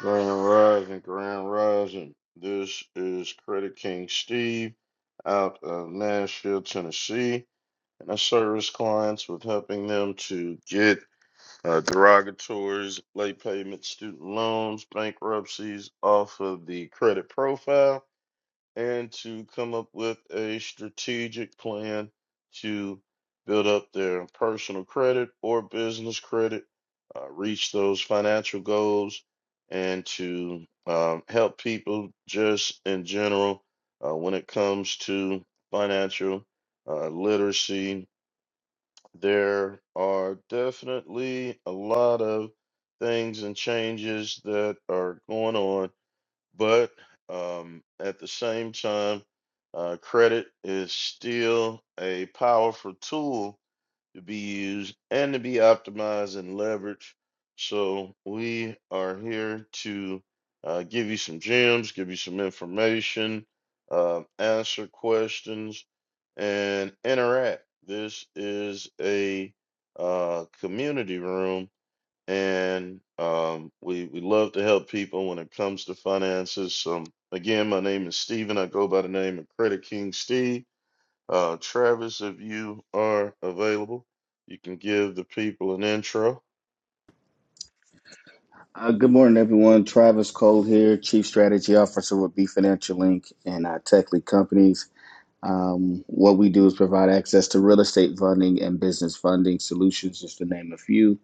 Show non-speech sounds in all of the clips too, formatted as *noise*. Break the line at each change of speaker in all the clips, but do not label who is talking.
Grand Rising, Grand Rising. This is Credit King Steve out of Nashville, Tennessee, and I service clients with helping them to get uh, derogatories, late payment student loans, bankruptcies off of the credit profile and to come up with a strategic plan to build up their personal credit or business credit, uh, reach those financial goals, and to um, help people just in general uh, when it comes to financial uh, literacy. There are definitely a lot of things and changes that are going on but um, at the same time, uh, credit is still a powerful tool to be used and to be optimized and leveraged. So we are here to uh, give you some gems, give you some information, uh, answer questions, and interact. This is a uh, community room and um, we we love to help people when it comes to finances. Um, again, my name is Steven. I go by the name of Credit King Steve. Uh, Travis, if you are available, you can give the people an intro.
Uh, good morning, everyone. Travis Cole here, Chief Strategy Officer with B Financial Inc. and our tech lead companies. Um, what we do is provide access to real estate funding and business funding solutions, just to name a few.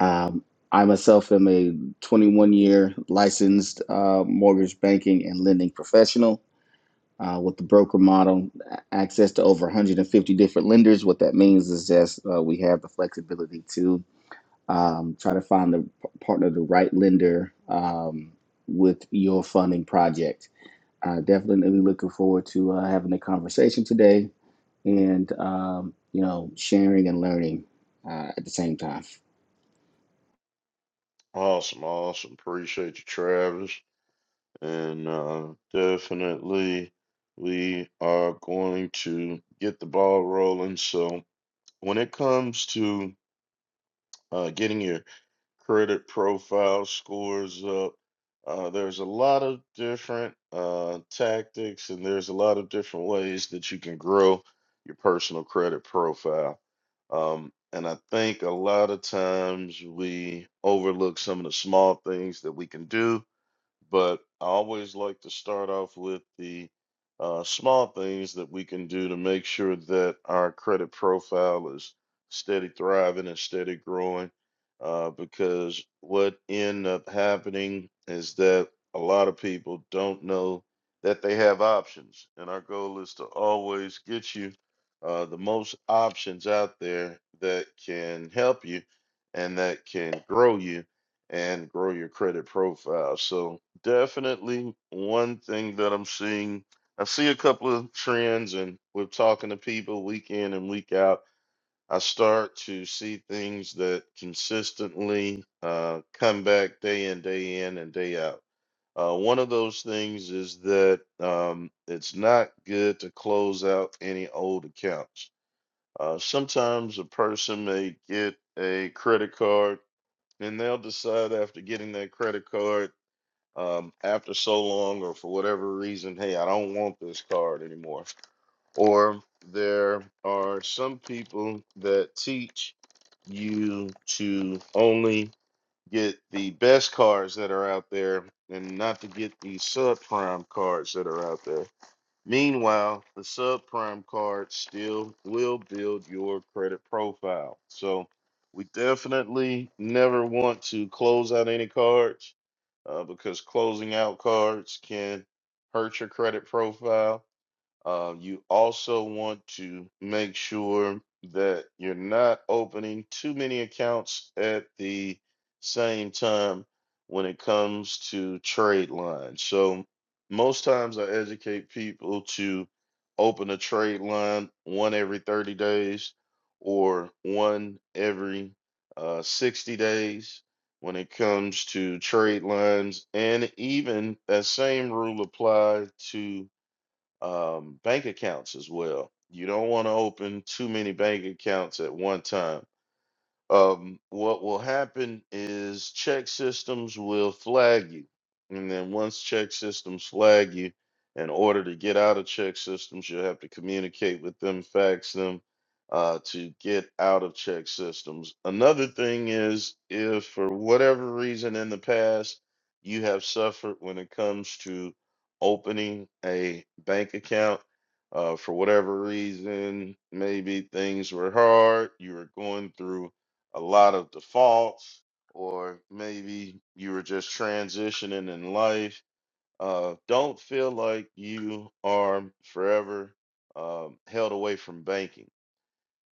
Um, I myself am a 21 year licensed uh, mortgage banking and lending professional uh, with the broker model, access to over 150 different lenders. What that means is that uh, we have the flexibility to um, try to find the partner, the right lender um, with your funding project. Uh, definitely looking forward to uh, having a conversation today and um, you know sharing and learning uh, at the same time.
Awesome, awesome. Appreciate you, Travis. And uh, definitely, we are going to get the ball rolling. So, when it comes to uh, getting your credit profile scores up. Uh, there's a lot of different uh, tactics, and there's a lot of different ways that you can grow your personal credit profile. Um, and I think a lot of times we overlook some of the small things that we can do but I always like to start off with the uh, small things that we can do to make sure that our credit profile is steady thriving and steady growing. Uh, because what end up happening is that a lot of people don't know that they have options, and our goal is to always get you uh, the most options out there that can help you and that can grow you and grow your credit profile. So definitely one thing that I'm seeing, I see a couple of trends and we're talking to people week in and week out. I start to see things that consistently uh, come back day in, day in, and day out. Uh, one of those things is that um, it's not good to close out any old accounts. Uh, sometimes a person may get a credit card and they'll decide after getting that credit card um, after so long or for whatever reason hey i don't want this card anymore or there are some people that teach you to only get the best cards that are out there and not to get the subprime cards that are out there Meanwhile, the subprime card still will build your credit profile. So we definitely never want to close out any cards uh, because closing out cards can hurt your credit profile uh, you also want to make sure that you're not opening too many accounts at the same time when it comes to trade lines. So, most times I educate people to open a trade line one every 30 days or one every uh, 60 days when it comes to trade lines. And even that same rule applies to um, bank accounts as well. You don't want to open too many bank accounts at one time um, what will happen is check systems will flag you. And then once check systems flag you, in order to get out of check systems, you'll have to communicate with them, fax them uh, to get out of check systems. Another thing is if for whatever reason in the past you have suffered when it comes to opening a bank account, uh, for whatever reason, maybe things were hard, you were going through a lot of defaults, or maybe you were just transitioning in life. Uh, don't feel like you are forever um, held away from banking.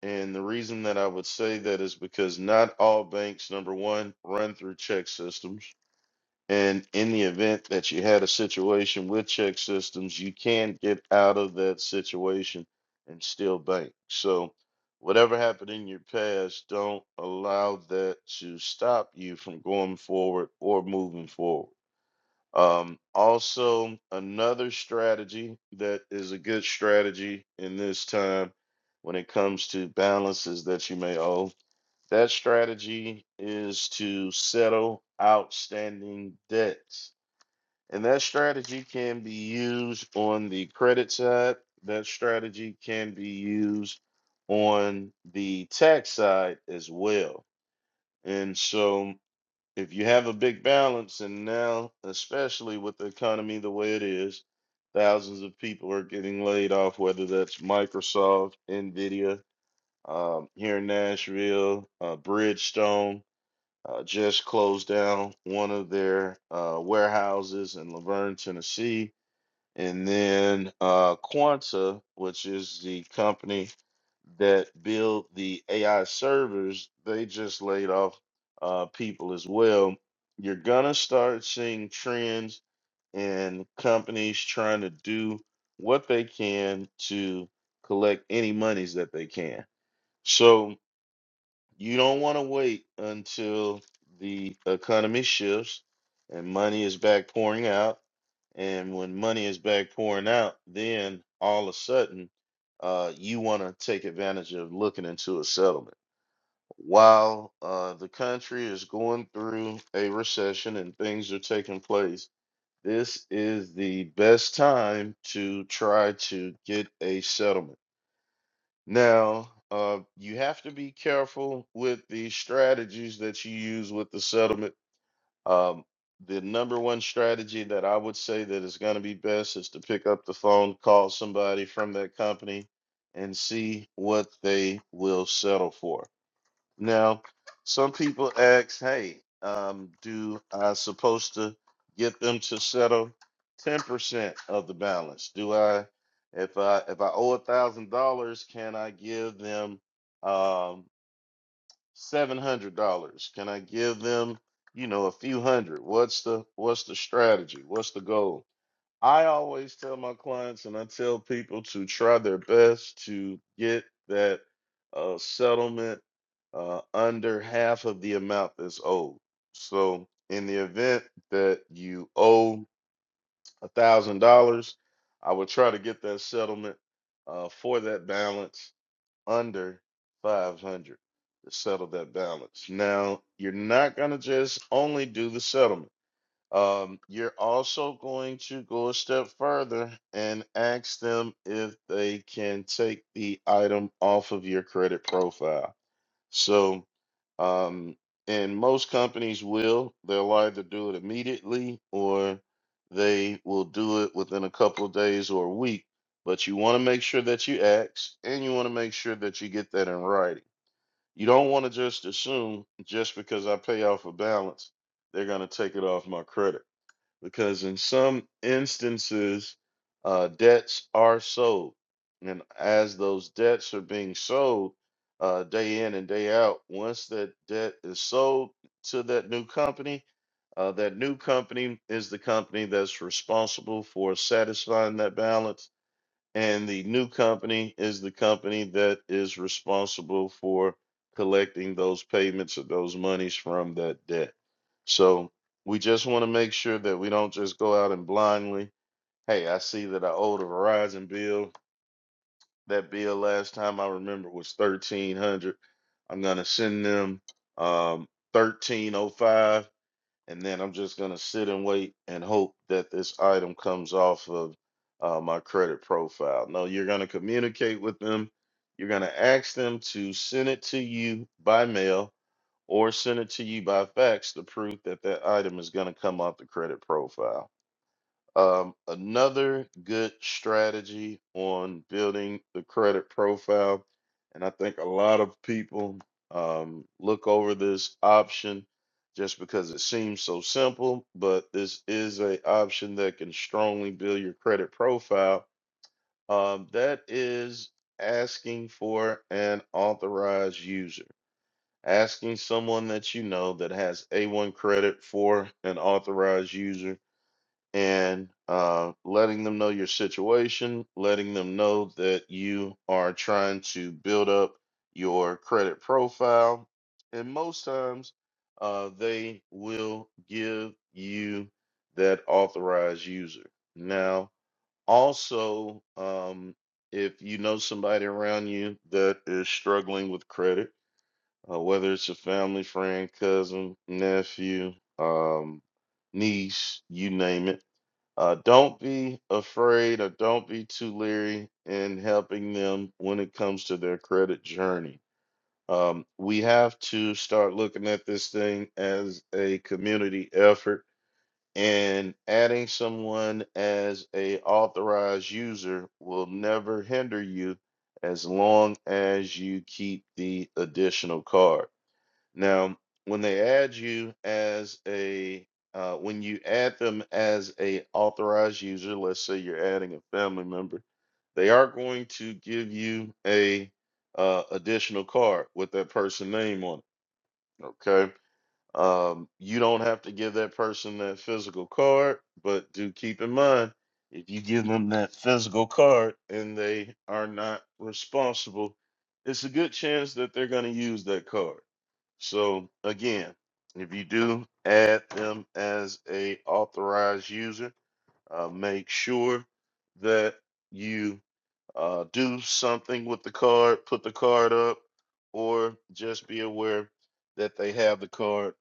And the reason that I would say that is because not all banks, number one, run through check systems. And in the event that you had a situation with check systems, you can get out of that situation and still bank. So, whatever happened in your past, don't allow that to stop you from going forward or moving forward. Um, also, another strategy that is a good strategy in this time when it comes to balances that you may owe, that strategy is to settle outstanding debts and that strategy can be used on the credit side. That strategy can be used on the tax side as well. And so, if you have a big balance, and now, especially with the economy the way it is, thousands of people are getting laid off, whether that's Microsoft, NVIDIA, um, here in Nashville, uh, Bridgestone uh, just closed down one of their uh, warehouses in Laverne, Tennessee and then uh, Quanta, which is the company that build the AI servers, they just laid off uh, people as well. You're gonna start seeing trends in companies trying to do what they can to collect any monies that they can. So you don't want to wait until the economy shifts and money is back pouring out. And when money is back pouring out, then all of a sudden, uh, you want to take advantage of looking into a settlement. While uh, the country is going through a recession and things are taking place, this is the best time to try to get a settlement now, uh, you have to be careful with the strategies that you use with the settlement. Um, the number one strategy that I would say that is going to be best is to pick up the phone, call somebody from that company, and see what they will settle for. Now, some people ask, hey, um, do I supposed to get them to settle 10% of the balance? Do I, if I, if I owe a thousand dollars, can I give them, um, $700? Can I give them, you know, a few hundred? What's the, what's the strategy? What's the goal? I always tell my clients and I tell people to try their best to get that uh, settlement uh, under half of the amount that's owed. So, in the event that you owe a thousand dollars, I would try to get that settlement uh, for that balance under five hundred to settle that balance. Now, you're not gonna just only do the settlement um, you're also going to go a step further and ask them if they can take the item off of your credit profile. So, um, and most companies will, they'll either do it immediately or they will do it within a couple of days or a week. But you want to make sure that you ask and you want to make sure that you get that in writing. You don't want to just assume just because I pay off a balance, they're going to take it off my credit because in some instances, uh, debts are sold. And as those debts are being sold uh, day in and day out, once that debt is sold to that new company, uh, that new company is the company that's responsible for satisfying that balance and the new company is the company that is responsible for collecting those payments or those monies from that debt. So we just want to make sure that we don't just go out and blindly, hey, I see that I owed a Verizon bill. That bill last time I remember was thirteen hundred. I'm gonna send them um thirteen oh five and then I'm just gonna sit and wait and hope that this item comes off of uh, my credit profile. No, you're gonna communicate with them. You're gonna ask them to send it to you by mail or send it to you by fax to prove that that item is gonna come off the credit profile. Um, another good strategy on building the credit profile, and I think a lot of people um, look over this option just because it seems so simple, but this is a option that can strongly build your credit profile. Um, that is asking for an authorized user, asking someone that you know that has A1 credit for an authorized user and uh, letting them know your situation, letting them know that you are trying to build up your credit profile. And most times, uh, they will give you that authorized user. Now, also, um, if you know somebody around you that is struggling with credit, uh, whether it's a family friend, cousin, nephew, um, niece, you name it uh, don't be afraid or don't be too leery in helping them when it comes to their credit journey. Um, we have to start looking at this thing as a community effort, and adding someone as a authorized user will never hinder you as long as you keep the additional card. Now, when they add you as a uh, when you add them as a authorized user, let's say you're adding a family member, they are going to give you a uh, additional card with that person name on it. Okay, um, you don't have to give that person that physical card, but do keep in mind if you give them that physical card and they are not responsible, it's a good chance that they're going to use that card. So again, if you do add them as a authorized user, uh, make sure that you uh, do something with the card, put the card up, or just be aware that they have the card.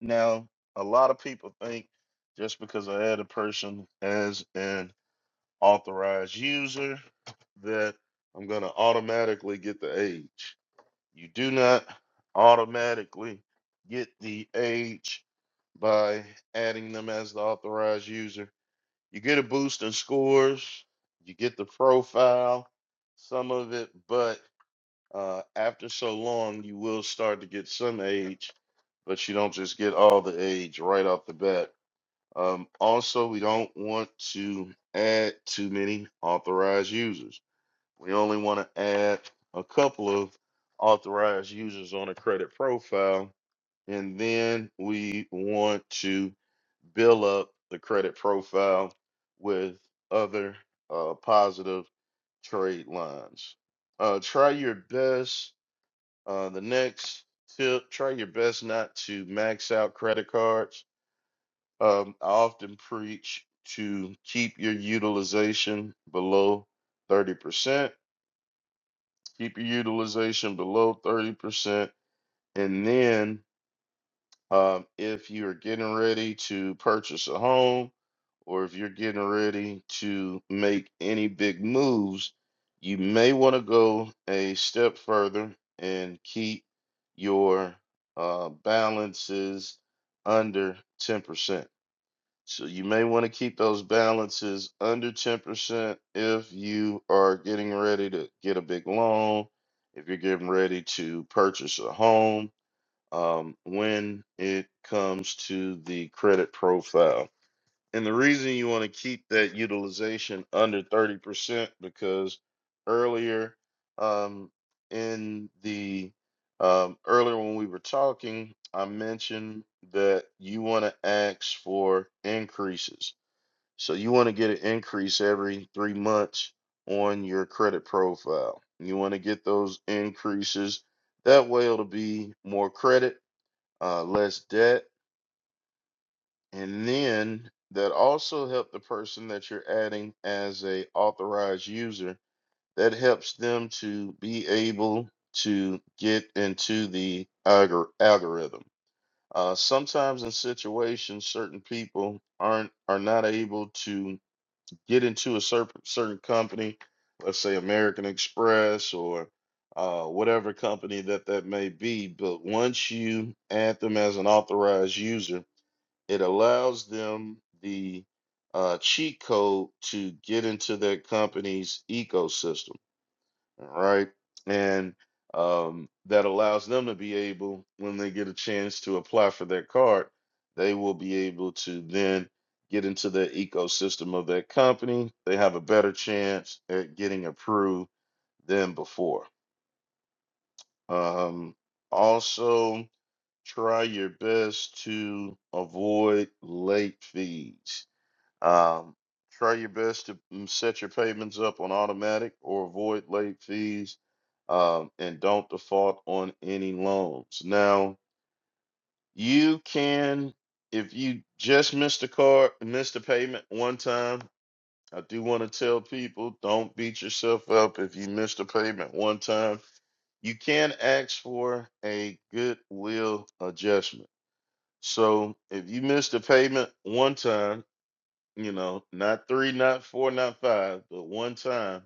Now, a lot of people think just because I add a person as an authorized user that I'm going to automatically get the age. You do not automatically get the age by adding them as the authorized user. You get a boost in scores, you get the profile, some of it, but uh, after so long, you will start to get some age, but you don't just get all the age right off the bat. Um, also, we don't want to add too many authorized users. We only want to add a couple of authorized users on a credit profile, and then we want to bill up the credit profile with other uh, positive trade lines. Uh, try your best. Uh, the next tip try your best not to max out credit cards. Um, I often preach to keep your utilization below 30% keep your utilization below 30%. And then, um, if you're getting ready to purchase a home or if you're getting ready to make any big moves, you may want to go a step further and keep your uh, balances under 10%. So you may want to keep those balances under 10% if you are getting ready to get a big loan, if you're getting ready to purchase a home, um, when it comes to the credit profile. And the reason you want to keep that utilization under 30% because earlier um, in the um, earlier when we were talking, I mentioned that you want to ask for increases. So you want to get an increase every three months on your credit profile. You want to get those increases. That way it'll be more credit, uh, less debt, and then that also help the person that you're adding as a authorized user. That helps them to be able to get into the algor- algorithm. Uh, sometimes in situations, certain people aren't are not able to get into a certain certain company, let's say American Express or uh, whatever company that that may be. But once you add them as an authorized user, it allows them the uh, cheat code to get into their company's ecosystem, all right? And um, that allows them to be able, when they get a chance to apply for their card, they will be able to then get into the ecosystem of their company. They have a better chance at getting approved than before. Um, also, try your best to avoid late fees um, try your best to mm, set your payments up on automatic or avoid late fees, um, and don't default on any loans. Now, you can, if you just missed a card, missed a payment one time. I do want to tell people don't beat yourself up if you missed a payment one time. You can ask for a goodwill adjustment. So if you missed a payment one time you know, not three, not four, not five, but one time,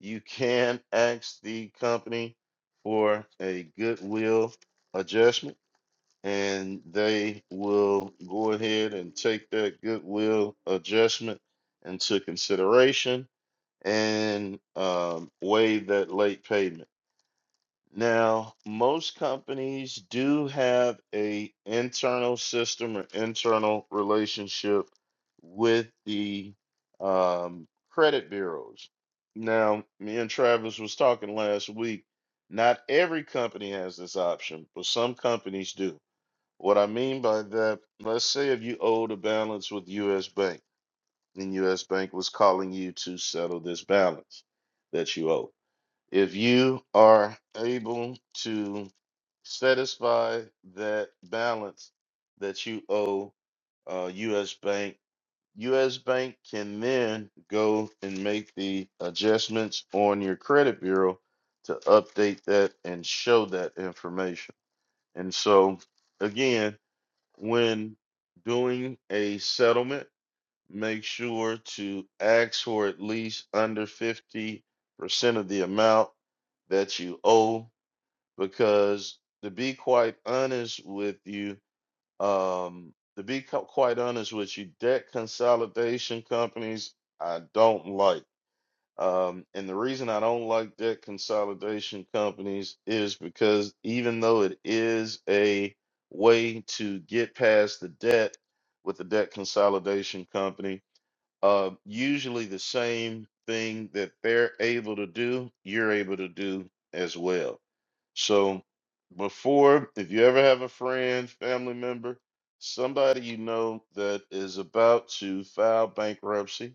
you can ask the company for a goodwill adjustment, and they will go ahead and take that goodwill adjustment into consideration and um, waive that late payment. Now, most companies do have a internal system or internal relationship with the um, credit bureaus. Now, me and Travis was talking last week. Not every company has this option, but some companies do. What I mean by that, let's say if you owed a balance with U.S. Bank, and U.S. Bank was calling you to settle this balance that you owe if you are able to satisfy that balance that you owe uh, U.S. Bank, U.S. Bank can then go and make the adjustments on your credit bureau to update that and show that information. And so, again, when doing a settlement, make sure to ask for at least under 50% of the amount that you owe because to be quite honest with you um to be co- quite honest with you debt consolidation companies I don't like um and the reason I don't like debt consolidation companies is because even though it is a way to get past the debt with the debt consolidation company uh, usually the same thing that they're able to do, you're able to do as well. So before, if you ever have a friend, family member, somebody you know that is about to file bankruptcy,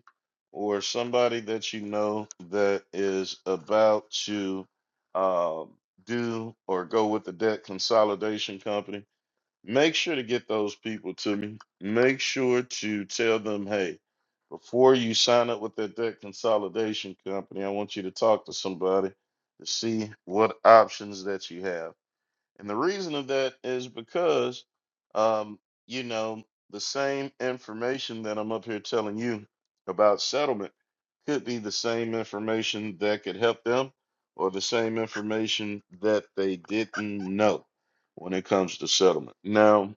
or somebody that you know that is about to um, do or go with the debt consolidation company, make sure to get those people to me. Make sure to tell them, hey, before you sign up with that debt consolidation company, I want you to talk to somebody to see what options that you have. And the reason of that is because, um, you know, the same information that I'm up here telling you about settlement could be the same information that could help them or the same information that they didn't know when it comes to settlement. Now,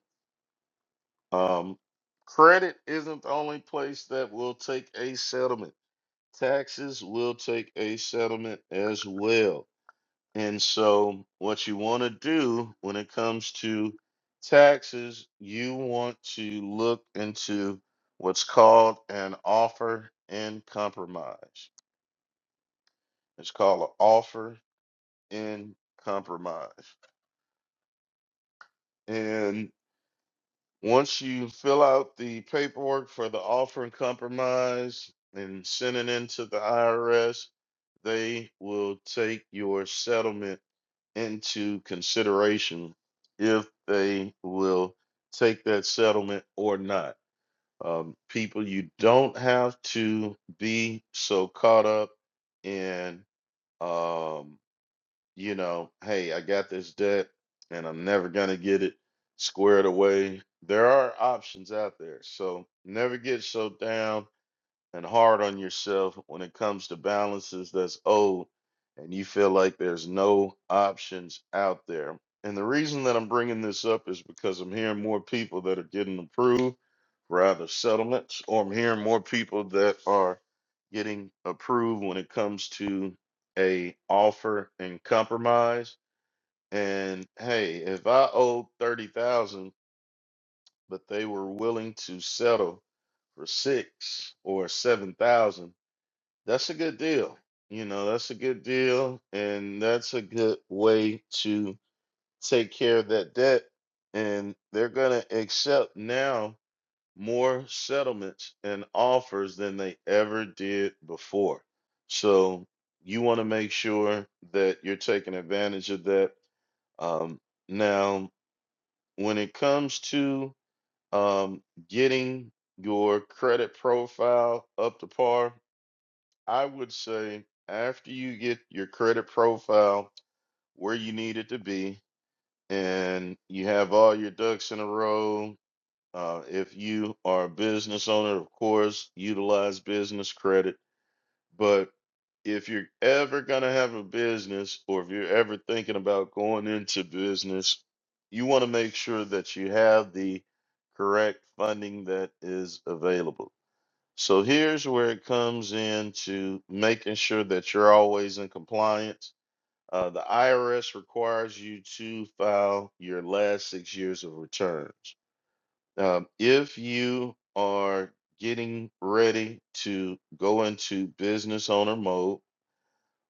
um, credit isn't the only place that will take a settlement taxes will take a settlement as well. And so, what you want to do when it comes to taxes, you want to look into what's called an offer in compromise. It's called an offer in compromise. And once you fill out the paperwork for the offer and compromise and send it into the IRS, they will take your settlement into consideration if they will take that settlement or not. Um, people, you don't have to be so caught up in, um, you know, hey, I got this debt and I'm never going to get it squared away. There are options out there. So never get so down and hard on yourself when it comes to balances that's owed and you feel like there's no options out there. And the reason that I'm bringing this up is because I'm hearing more people that are getting approved for either settlements or I'm hearing more people that are getting approved when it comes to a offer and compromise. And hey, if I owe 30,000 but they were willing to settle for 6 or 7,000 that's a good deal. You know, that's a good deal, and that's a good way to take care of that debt. And they're going to accept now more settlements and offers than they ever did before. So you want to make sure that you're taking advantage of that. Um, now, when it comes to um, getting your credit profile up to par, I would say after you get your credit profile where you need it to be and you have all your ducks in a row, uh, if you are a business owner, of course, utilize business credit. But if you're ever going to have a business or if you're ever thinking about going into business, you want to make sure that you have the correct funding that is available so here's where it comes into making sure that you're always in compliance. Uh, the IRS requires you to file your last six years of returns. Um, if you are getting ready to go into business owner mode,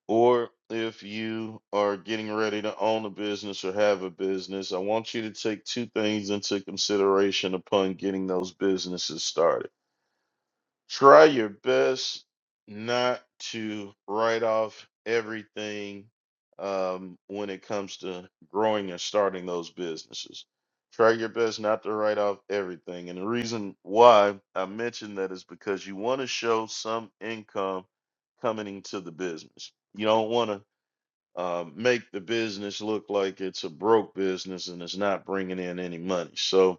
or if you are getting ready to own a business or have a business, I want you to take two things into consideration upon getting those businesses started. Try your best not to write off everything um, when it comes to growing and starting those businesses. Try your best not to write off everything. And the reason why I mentioned that is because you want to show some income coming into the business. You don't want to uh, make the business look like it's a broke business and it's not bringing in any money. So,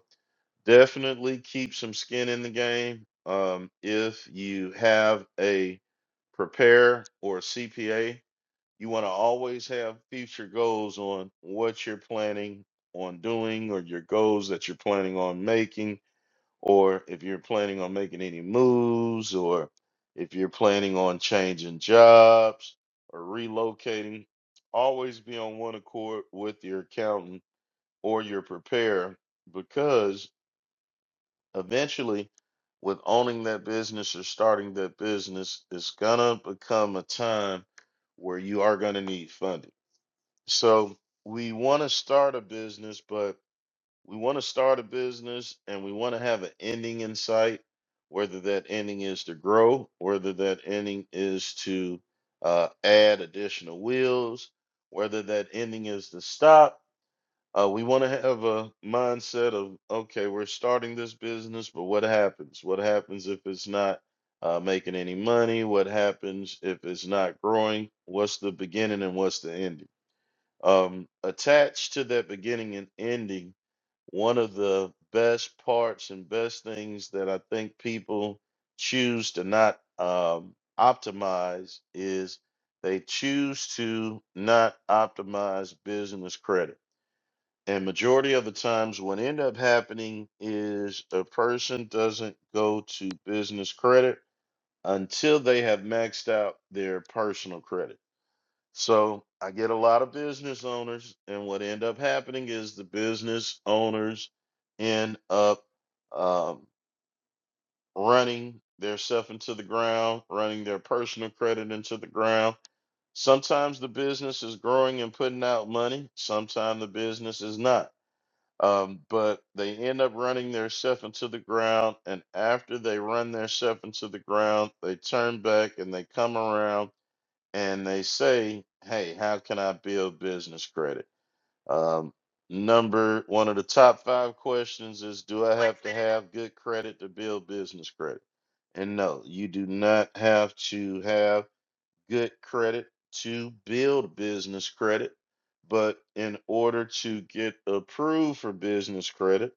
definitely keep some skin in the game. Um, if you have a prepare or a CPA, you want to always have future goals on what you're planning on doing or your goals that you're planning on making, or if you're planning on making any moves, or if you're planning on changing jobs or relocating. Always be on one accord with your accountant or your prepare because Eventually, with owning that business or starting that business, it's gonna become a time where you are gonna need funding. So we want to start a business, but we want to start a business and we want to have an ending in sight, whether that ending is to grow, whether that ending is to uh, add additional wheels, whether that ending is to stop, uh, we want to have a mindset of, okay, we're starting this business, but what happens? What happens if it's not uh, making any money? What happens if it's not growing? What's the beginning and what's the ending? Um, attached to that beginning and ending, one of the best parts and best things that I think people choose to not um, optimize is they choose to not optimize business credit and majority of the times what end up happening is a person doesn't go to business credit until they have maxed out their personal credit. So I get a lot of business owners, and what end up happening is the business owners end up um, running their stuff into the ground, running their personal credit into the ground. Sometimes the business is growing and putting out money. Sometimes the business is not um, but they end up running their stuff into the ground, and after they run their stuff into the ground, they turn back and they come around and they say, "Hey, how can I build business credit?" Um, number one of the top five questions is, "Do I have to have good credit to build business credit?" And no, you do not have to have good credit to build business credit. But in order to get approved for business credit,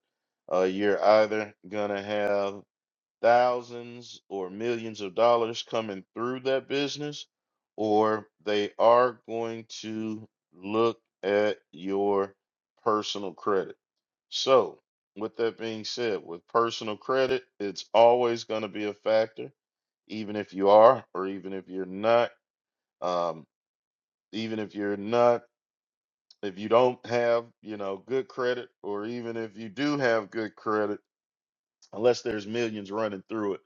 uh, you're either going to have thousands or millions of dollars coming through that business, or they are going to look at your personal credit. So, with that being said, with personal credit, it's always going to be a factor, even if you are or even if you're not um, even if you're not if you don't have you know good credit or even if you do have good credit unless there's millions running through it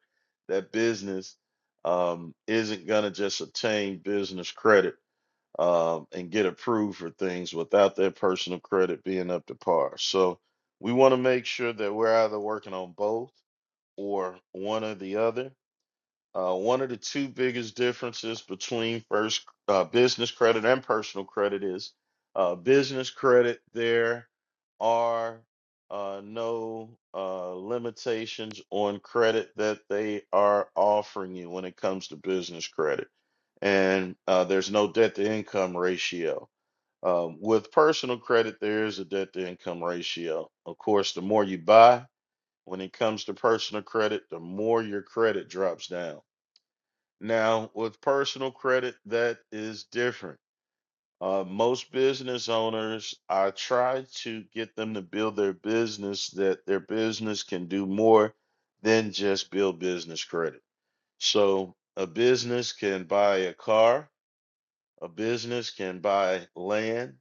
that business um, isn't going to just attain business credit um, and get approved for things without their personal credit being up to par so we want to make sure that we're either working on both or one or the other Uh, one of the two biggest differences between first uh, business credit and personal credit is uh, business credit, there are uh, no uh, limitations on credit that they are offering you when it comes to business credit. And uh, there's no debt to income ratio. Um, with personal credit, there is a debt to income ratio. Of course, the more you buy, when it comes to personal credit, the more your credit drops down now, with personal credit, that is different. Uh, most business owners, I try to get them to build their business that their business can do more than just build business credit. So, a business can buy a car, a business can buy land,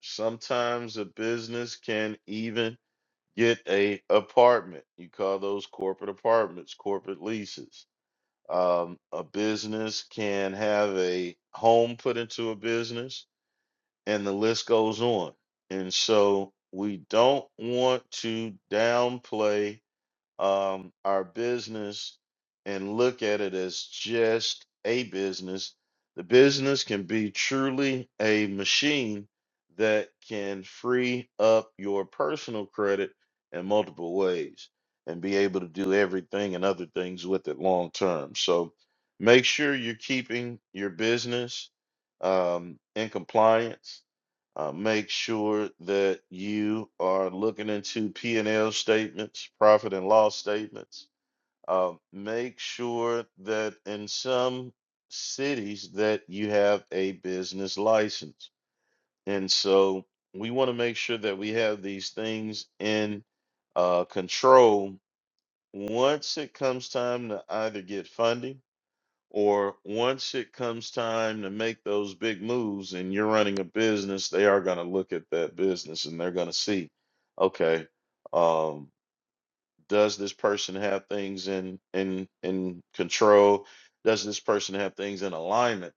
sometimes a business can even get a apartment. You call those corporate apartments, corporate leases um, a business can have a home put into a business, and the list goes on. And so we don't want to downplay um, our business and look at it as just a business. The business can be truly a machine that can free up your personal credit in multiple ways and be able to do everything and other things with it long term. So make sure you're keeping your business um, in compliance uh, make sure that you are looking into P and L statements, profit and loss statements. Uh, make sure that in some cities that you have a business license, and so we want to make sure that we have these things in uh, control once it comes time to either get funding or once it comes time to make those big moves and you're running a business, they are going to look at that business and they're going to see, okay, um, does this person have things in in in control? Does this person have things in alignment?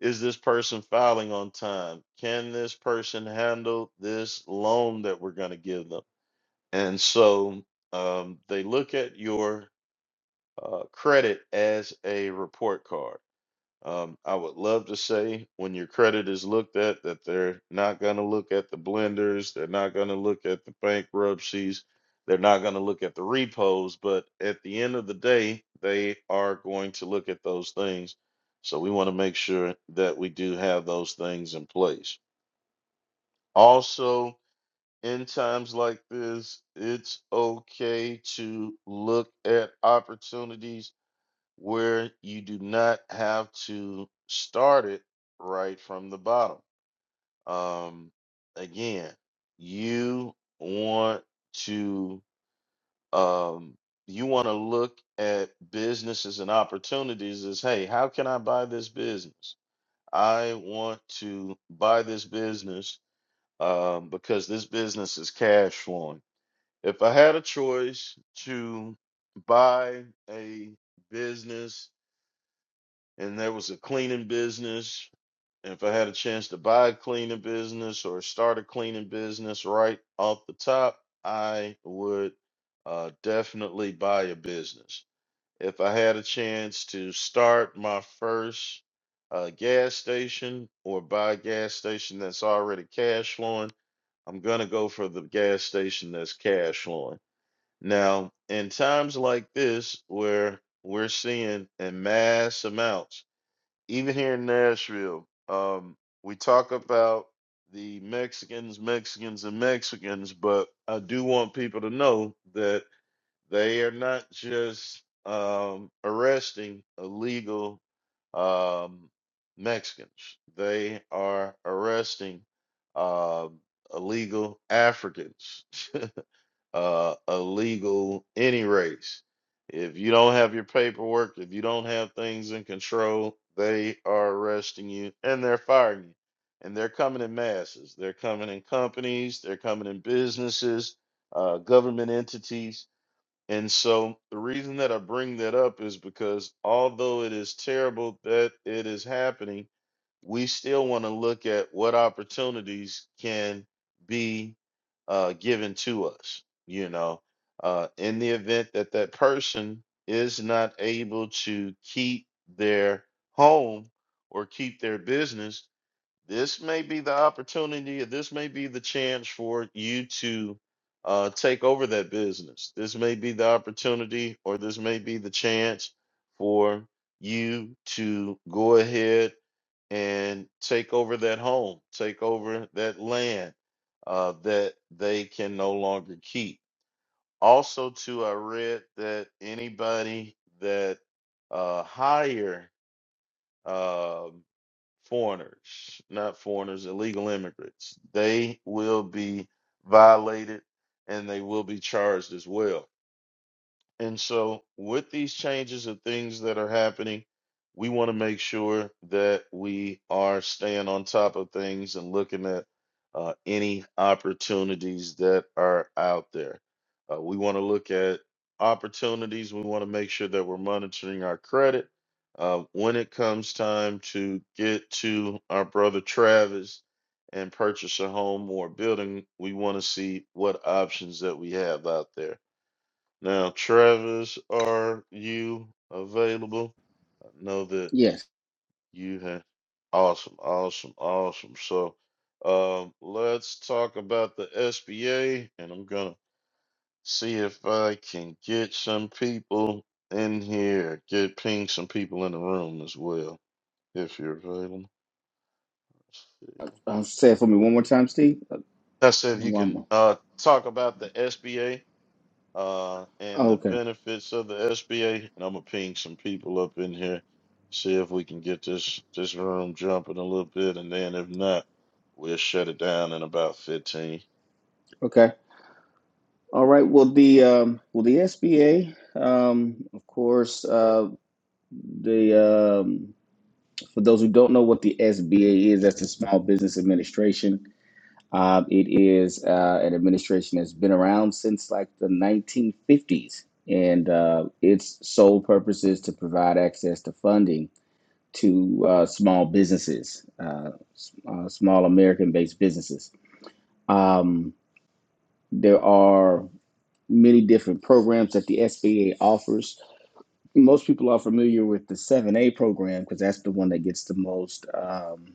Is this person filing on time? Can this person handle this loan that we're going to give them? And so um, they look at your uh, credit as a report card um, I would love to say when your credit is looked at that they're not going to look at the blenders, they're not going to look at the bankruptcies, they're not going to look at the repos, but at the end of the day, they are going to look at those things. So we want to make sure that we do have those things in place. Also, in times like this, it's okay to look at opportunities where you do not have to start it right from the bottom. Um, again, you want to um, you want to look at businesses and opportunities as, hey, how can I buy this business? I want to buy this business um, because this business is cash flowing. If I had a choice to buy a business and there was a cleaning business. And If I had a chance to buy a cleaning business or start a cleaning business right off the top, I would uh, definitely buy a business. If I had a chance to start my first uh, gas station or buy a gas station that's already cash flowing, I'm going to go for the gas station that's cash flowing. Now, in times like this where we're seeing in mass amounts, even here in Nashville, um, we talk about the Mexicans, Mexicans, and Mexicans, but I do want people to know that they are not just um, arresting illegal um, Mexicans, they are arresting um illegal Africans. *laughs* uh, illegal any race. If you don't have your paperwork, if you don't have things in control, they are arresting you and they're firing you. And they're coming in masses. They're coming in companies, they're coming in businesses, uh, government entities. And so the reason that I bring that up is because although it is terrible that it is happening, we still want to look at what opportunities can be uh, given to us. You know, uh, in the event that that person is not able to keep their home or keep their business, this may be the opportunity, or this may be the chance for you to uh, take over that business. This may be the opportunity, or this may be the chance for you to go ahead and take over that home, take over that land uh, that they can no longer keep. Also, too, I read that anybody that uh, hire um foreigners, not foreigners, illegal immigrants, they will be violated and they will be charged as well. And so, with these changes and things that are happening, we want to make sure that we are staying on top of things and looking at uh, any opportunities that are out there. Uh, we want to look at opportunities. We want to make sure that we're monitoring our credit. Uh, when it comes time to get to our brother Travis and purchase a home or building, we want to see what options that we have out there now, Travis, are you available? I know that
Yes,
you have. Awesome, awesome, awesome. So, um, let's talk about the SBA, and I'm gonna see if I can get some people in here, get ping some people in the room as well, if you're available. Let's see.
uh, say it for me one more time, Steve. Uh,
I said you
One
can
more.
uh talk about the SBA uh, and the
Okay,
benefits of the SBA. And I'm gonna ping some people up in here, see if we can get this this room jumping a little bit, and then if not, we'll shut it down in about 15.
okay, all right. Well, the um, well the SBA, um, of course, uh, the um, for those who don't know what the SBA is, that's the Small Business Administration. Um, it is uh, an administration that's been around since like the 1950s, and uh, its sole purpose is to provide access to funding to uh, small businesses, uh, uh, small American-based businesses. Um, there are many different programs that the SBA offers most people are familiar with the 7a program because that's the one that gets the most um,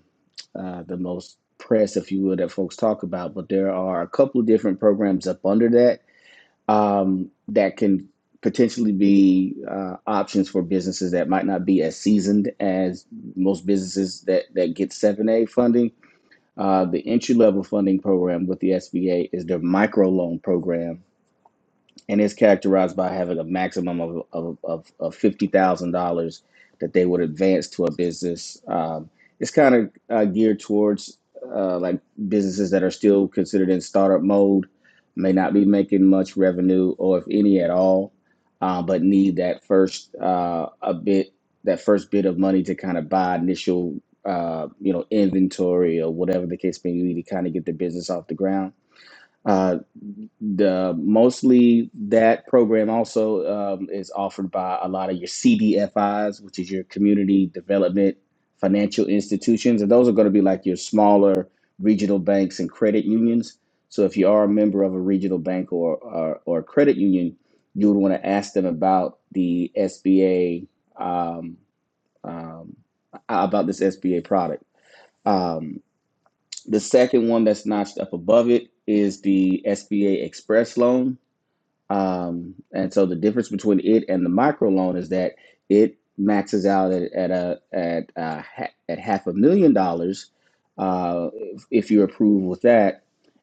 uh, the most press if you will that folks talk about but there are a couple of different programs up under that um, that can potentially be uh, options for businesses that might not be as seasoned as most businesses that that get 7a funding uh, the entry level funding program with the sba is their micro loan program and it's characterized by having a maximum of of, of, of fifty thousand dollars that they would advance to a business. Um, it's kind of uh, geared towards uh, like businesses that are still considered in startup mode, may not be making much revenue or if any at all, uh, but need that first uh, a bit that first bit of money to kind of buy initial. Uh, you know, inventory or whatever the case may be to kind of get the business off the ground Uh, the mostly that program also um, is offered by a lot of your CDFIs, which is your community development financial institutions, and those are going to be like your smaller regional banks and credit unions. So if you are a member of a regional bank or or, or a credit union, you would want to ask them about the SBA um, um, about this SBA product. Um, the second one that's notched up above it is the SBA Express loan um, and so the difference between it and the micro loan is that it maxes out at, at a at uh at half a million dollars uh, if, if you're approved with that.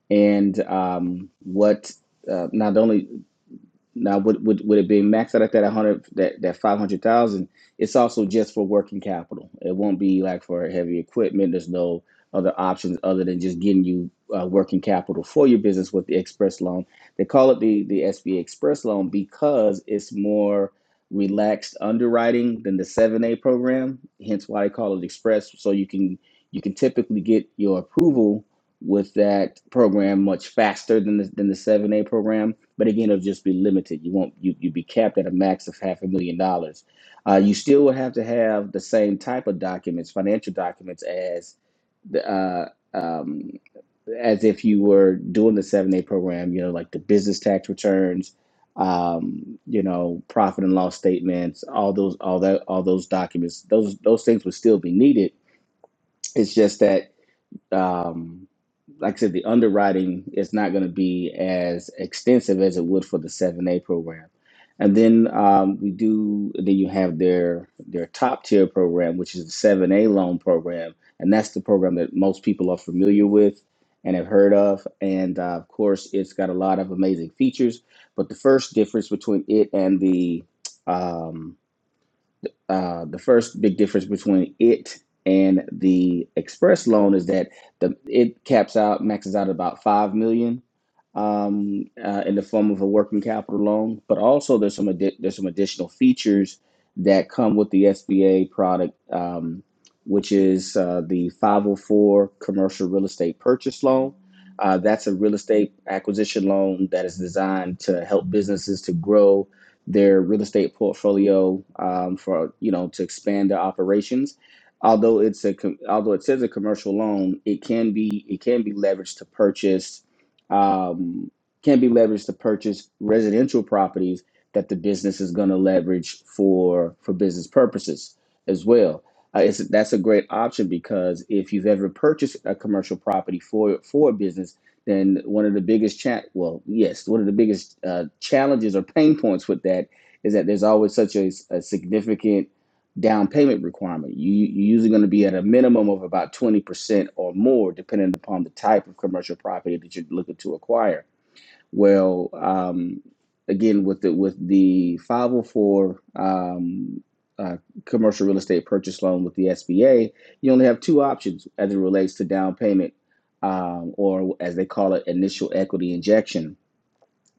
And um, what uh, not only now, would would would it be maxed out at that hundred that that five hundred thousand? It's also just for working capital. It won't be like for heavy equipment. There's no other options other than just getting you uh, working capital for your business with the express loan. They call it the the SBA Express loan because it's more relaxed underwriting than the seven A program. Hence why they call it express. So you can you can typically get your approval with that program much faster than the, than the seven A program but again, it'll just be limited. You won't you you be capped at a max of half a million dollars. Uh, you still will have to have the same type of documents, financial documents, as the uh, um, as if you were doing the seven A program. You know, like the business tax returns, um, you know, profit and loss statements, all those all that all those documents. Those those things would still be needed. It's just that. Um, like I said, the underwriting is not going to be as extensive as it would for the 7A program. And then um, we do, then you have their their top tier program, which is the 7A loan program. And that's the program that most people are familiar with and have heard of. And uh, of course, it's got a lot of amazing features. But the first difference between it and the, um, uh, the first big difference between it and the express loan is that the it caps out maxes out at about five million um, uh, in the form of a working capital loan, but also there's some addi- there's some additional features that come with the SBA product, um, which is uh, the 504 commercial real estate purchase loan. Uh, that's a real estate acquisition loan that is designed to help businesses to grow their real estate portfolio um, for you know to expand their operations. Although it's a com- although it says a commercial loan, it can be it can be leveraged to purchase um, can be leveraged to purchase residential properties that the business is going to leverage for for business purposes as well. Uh, it's, that's a great option because if you've ever purchased a commercial property for for a business then one of the biggest chat well yes one of the biggest uh, challenges or pain points with that is that there's always such a, a significant down payment requirement you, you're usually going to be at a minimum of about 20% or more depending upon the type of commercial property that you're looking to acquire well, um, again, with the with the 504 um, uh, commercial real estate purchase loan with the SBA, you only have two options as it relates to down payment, um, or as they call it, initial equity injection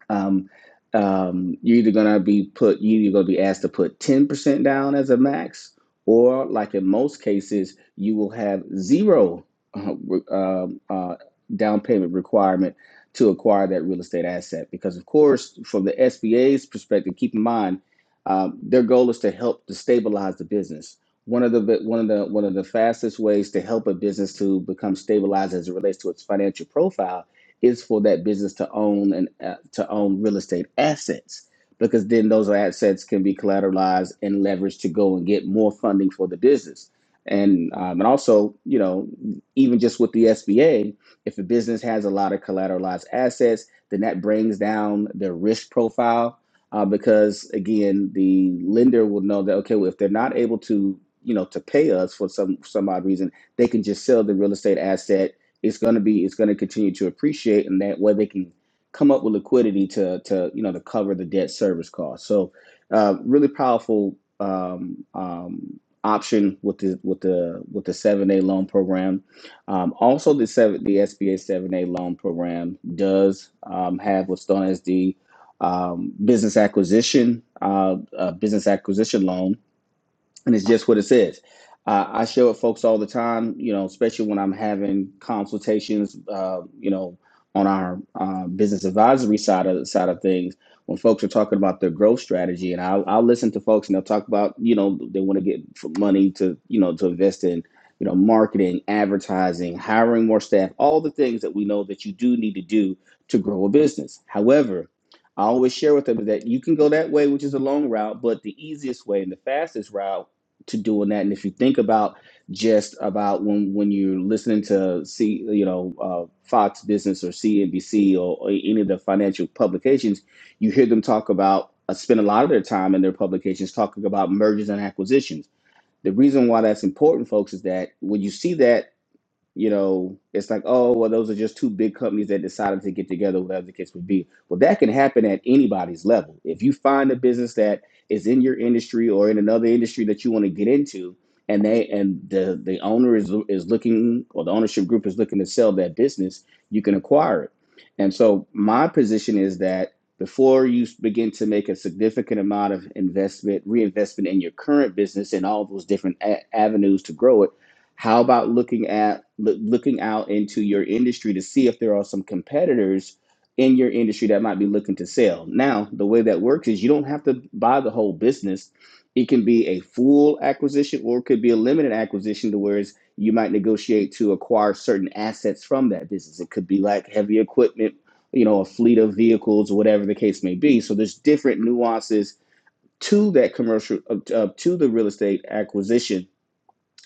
um, um, you're either gonna be put you either gonna be asked to put 10% down as a max or like in most cases you will have zero uh, re- um, uh, down payment requirement to acquire that real estate asset because of course from the sba's perspective keep in mind um, their goal is to help to stabilize the business one of the one of the one of the fastest ways to help a business to become stabilized as it relates to its financial profile is for that business to own and uh, to own real estate assets because then those assets can be collateralized and leveraged to go and get more funding for the business. And um, and also, you know, even just with the SBA, if a business has a lot of collateralized assets, then that brings down their risk profile uh, because again, the lender will know that okay, well, if they're not able to, you know, to pay us for some some odd reason, they can just sell the real estate asset it's going to be it's going to continue to appreciate and that way they can come up with liquidity to to you know to cover the debt service cost so uh, really powerful um, um, option with the with the with the 7a loan program um, also the seven the sba 7a loan program does um, have what's known as the um, business acquisition uh, uh, business acquisition loan and it's just what it says. Uh, I share with folks all the time, you know, especially when I'm having consultations, uh, you know, on our uh, business advisory side of side of things. When folks are talking about their growth strategy, and I'll, I'll listen to folks and they'll talk about, you know, they want to get money to, you know, to invest in, you know, marketing, advertising, hiring more staff, all the things that we know that you do need to do to grow a business. However, I always share with them that you can go that way, which is a long route, but the easiest way and the fastest route to doing that. And if you think about just about when when you're listening to see you know uh, Fox Business or CNBC or, or any of the financial publications, you hear them talk about uh, spend a lot of their time in their publications talking about mergers and acquisitions. The reason why that's important, folks, is that when you see that you know, it's like, oh, well, those are just two big companies that decided to get together, whatever the case would be. Well, that can happen at anybody's level. If you find a business that is in your industry or in another industry that you want to get into, and they and the the owner is is looking or the ownership group is looking to sell that business, you can acquire it. And so my position is that before you begin to make a significant amount of investment, reinvestment in your current business and all those different a- avenues to grow it how about looking at loo- looking out into your industry to see if there are some competitors in your industry that might be looking to sell? Now, the way that works is you don't have to buy the whole business. It can be a full acquisition or it could be a limited acquisition to whereas you might negotiate to acquire certain assets from that business. It could be like heavy equipment, you know, a fleet of vehicles, whatever the case may be. So there's different nuances to that commercial, uh, to the real estate acquisition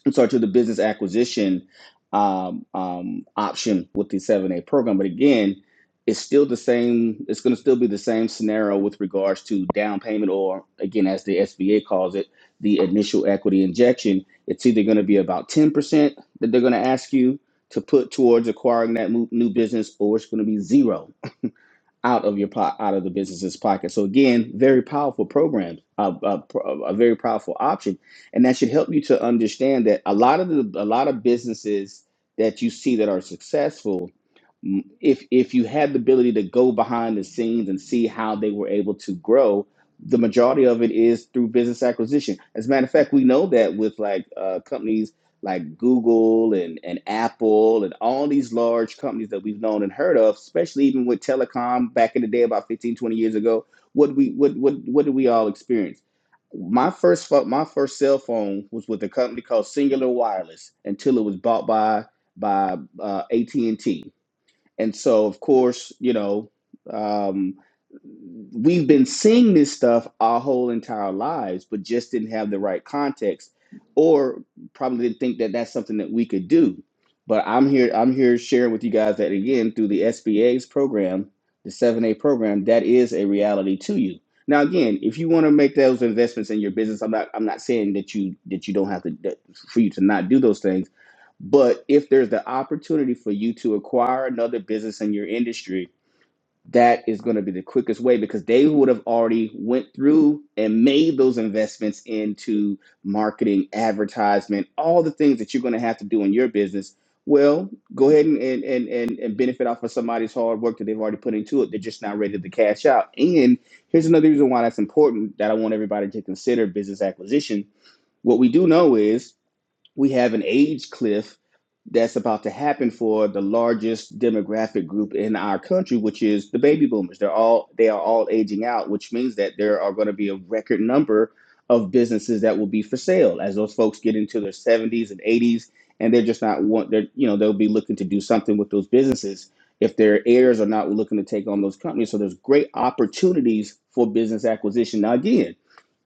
I'm sorry, to the business acquisition um, um, option with the 7A program. But again, it's still the same, it's going to still be the same scenario with regards to down payment, or again, as the SBA calls it, the initial equity injection. It's either going to be about 10% that they're going to ask you to put towards acquiring that mo- new business, or it's going to be zero out of your po- out of the business's pocket. So again, very powerful program, a, a, a very powerful option, and that should help you to understand that a lot of the a lot of businesses that you see that are successful if if you had the ability to go behind the scenes and see how they were able to grow, the majority of it is through business acquisition. As a matter of fact, we know that with like uh, companies like Google and, and Apple and all these large companies that we've known and heard of, especially even with telecom back in the day about 15 20 years ago, what we what what what did we all experience? My first my first cell phone was with a company called Singular Wireless until it was bought by by uh, AT&T and so, of course, you know, um, we've been seeing this stuff our whole entire lives, but just didn't have the right context, or probably didn't think that that's something that we could do. But I'm here. I'm here sharing with you guys that again through the SBA's program, the 7A program, that is a reality to you. Now, again, if you want to make those investments in your business, I'm not. I'm not saying that you that you don't have to that, for you to not do those things but if there's the opportunity for you to acquire another business in your industry, that is going to be the quickest way because they would have already went through and made those investments into marketing, advertisement, all the things that you're going to have to do in your business. Well, go ahead and and, and, and and benefit off of somebody's hard work that they've already put into it. They're just not ready to cash out. And here's another reason why that's important that I want everybody to consider business acquisition. What we do know is we have an age cliff that's about to happen for the largest demographic group in our country which is the baby boomers they're all they are all aging out which means that there are going to be a record number of businesses that will be for sale as those folks get into their 70s and 80s and they're just not want they're you know they'll be looking to do something with those businesses if their heirs are not looking to take on those companies so there's great opportunities for business acquisition now again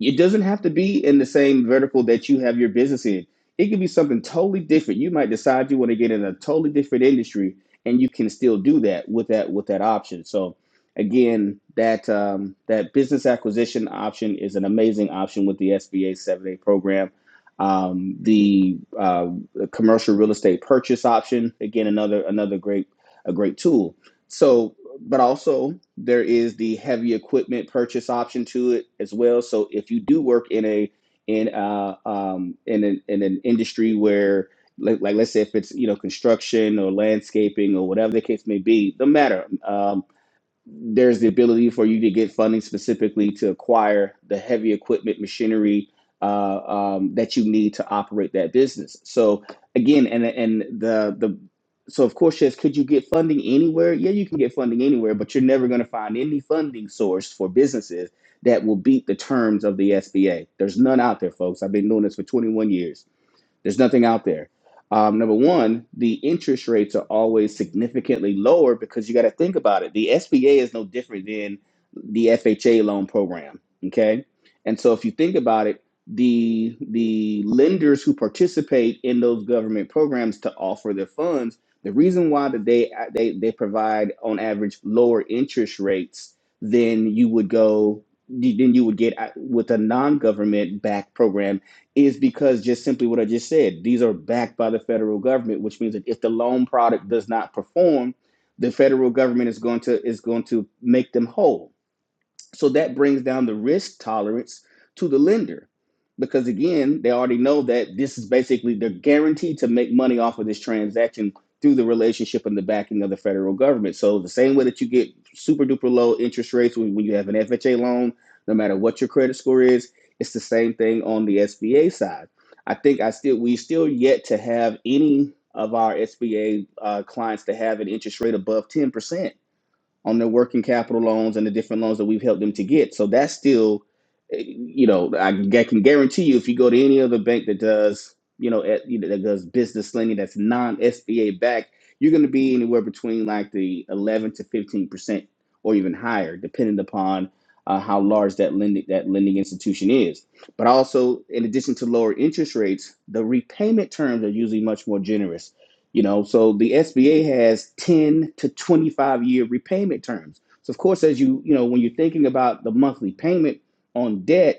it doesn't have to be in the same vertical that you have your business in it could be something totally different. You might decide you want to get in a totally different industry, and you can still do that with that with that option. So, again, that um, that business acquisition option is an amazing option with the SBA 7A program. Um, the uh, commercial real estate purchase option, again, another another great a great tool. So, but also there is the heavy equipment purchase option to it as well. So, if you do work in a in uh, um, in an in an industry where like, like let's say if it's you know construction or landscaping or whatever the case may be, no matter. Um, there's the ability for you to get funding specifically to acquire the heavy equipment machinery uh, um, that you need to operate that business. So again, and and the the so of course, yes, could you get funding anywhere? Yeah, you can get funding anywhere, but you're never going to find any funding source for businesses that will beat the terms of the SBA. There's none out there, folks. I've been doing this for 21 years. There's nothing out there. Um, number one, the interest rates are always significantly lower because you got to think about it. The SBA is no different than the FHA loan program. Okay, and so if you think about it, the the lenders who participate in those government programs to offer their funds, the reason why that they they they provide on average lower interest rates than you would go than you would get with a non-government backed program is because just simply what I just said, these are backed by the federal government, which means that if the loan product does not perform, the federal government is going to is going to make them whole so that brings down the risk tolerance to the lender because, again, they already know that this is basically they're guaranteed to make money off of this transaction through the relationship and the backing of the federal government. So, the same way that you get super duper low interest rates when, when you have an FHA loan, no matter what your credit score is, it's the same thing on the SBA side. I think I still we still yet to have any of our SBA uh, clients to have an interest rate above 10% on their working capital loans and the different loans that we've helped them to get. So that's still, eh, you know, I can guarantee you if you go to any other bank that does, you know, eh, you know that does business lending that's non SBA backed, you're going to be anywhere between like the 11 to 15 or even higher, depending upon uh, how large that lending that lending institution is. But also, in addition to lower interest rates, the repayment terms are usually much more generous. You know, so the SBA has 10 to 25 year repayment terms. So of course, as you you know, when you're thinking about the monthly payment on debt,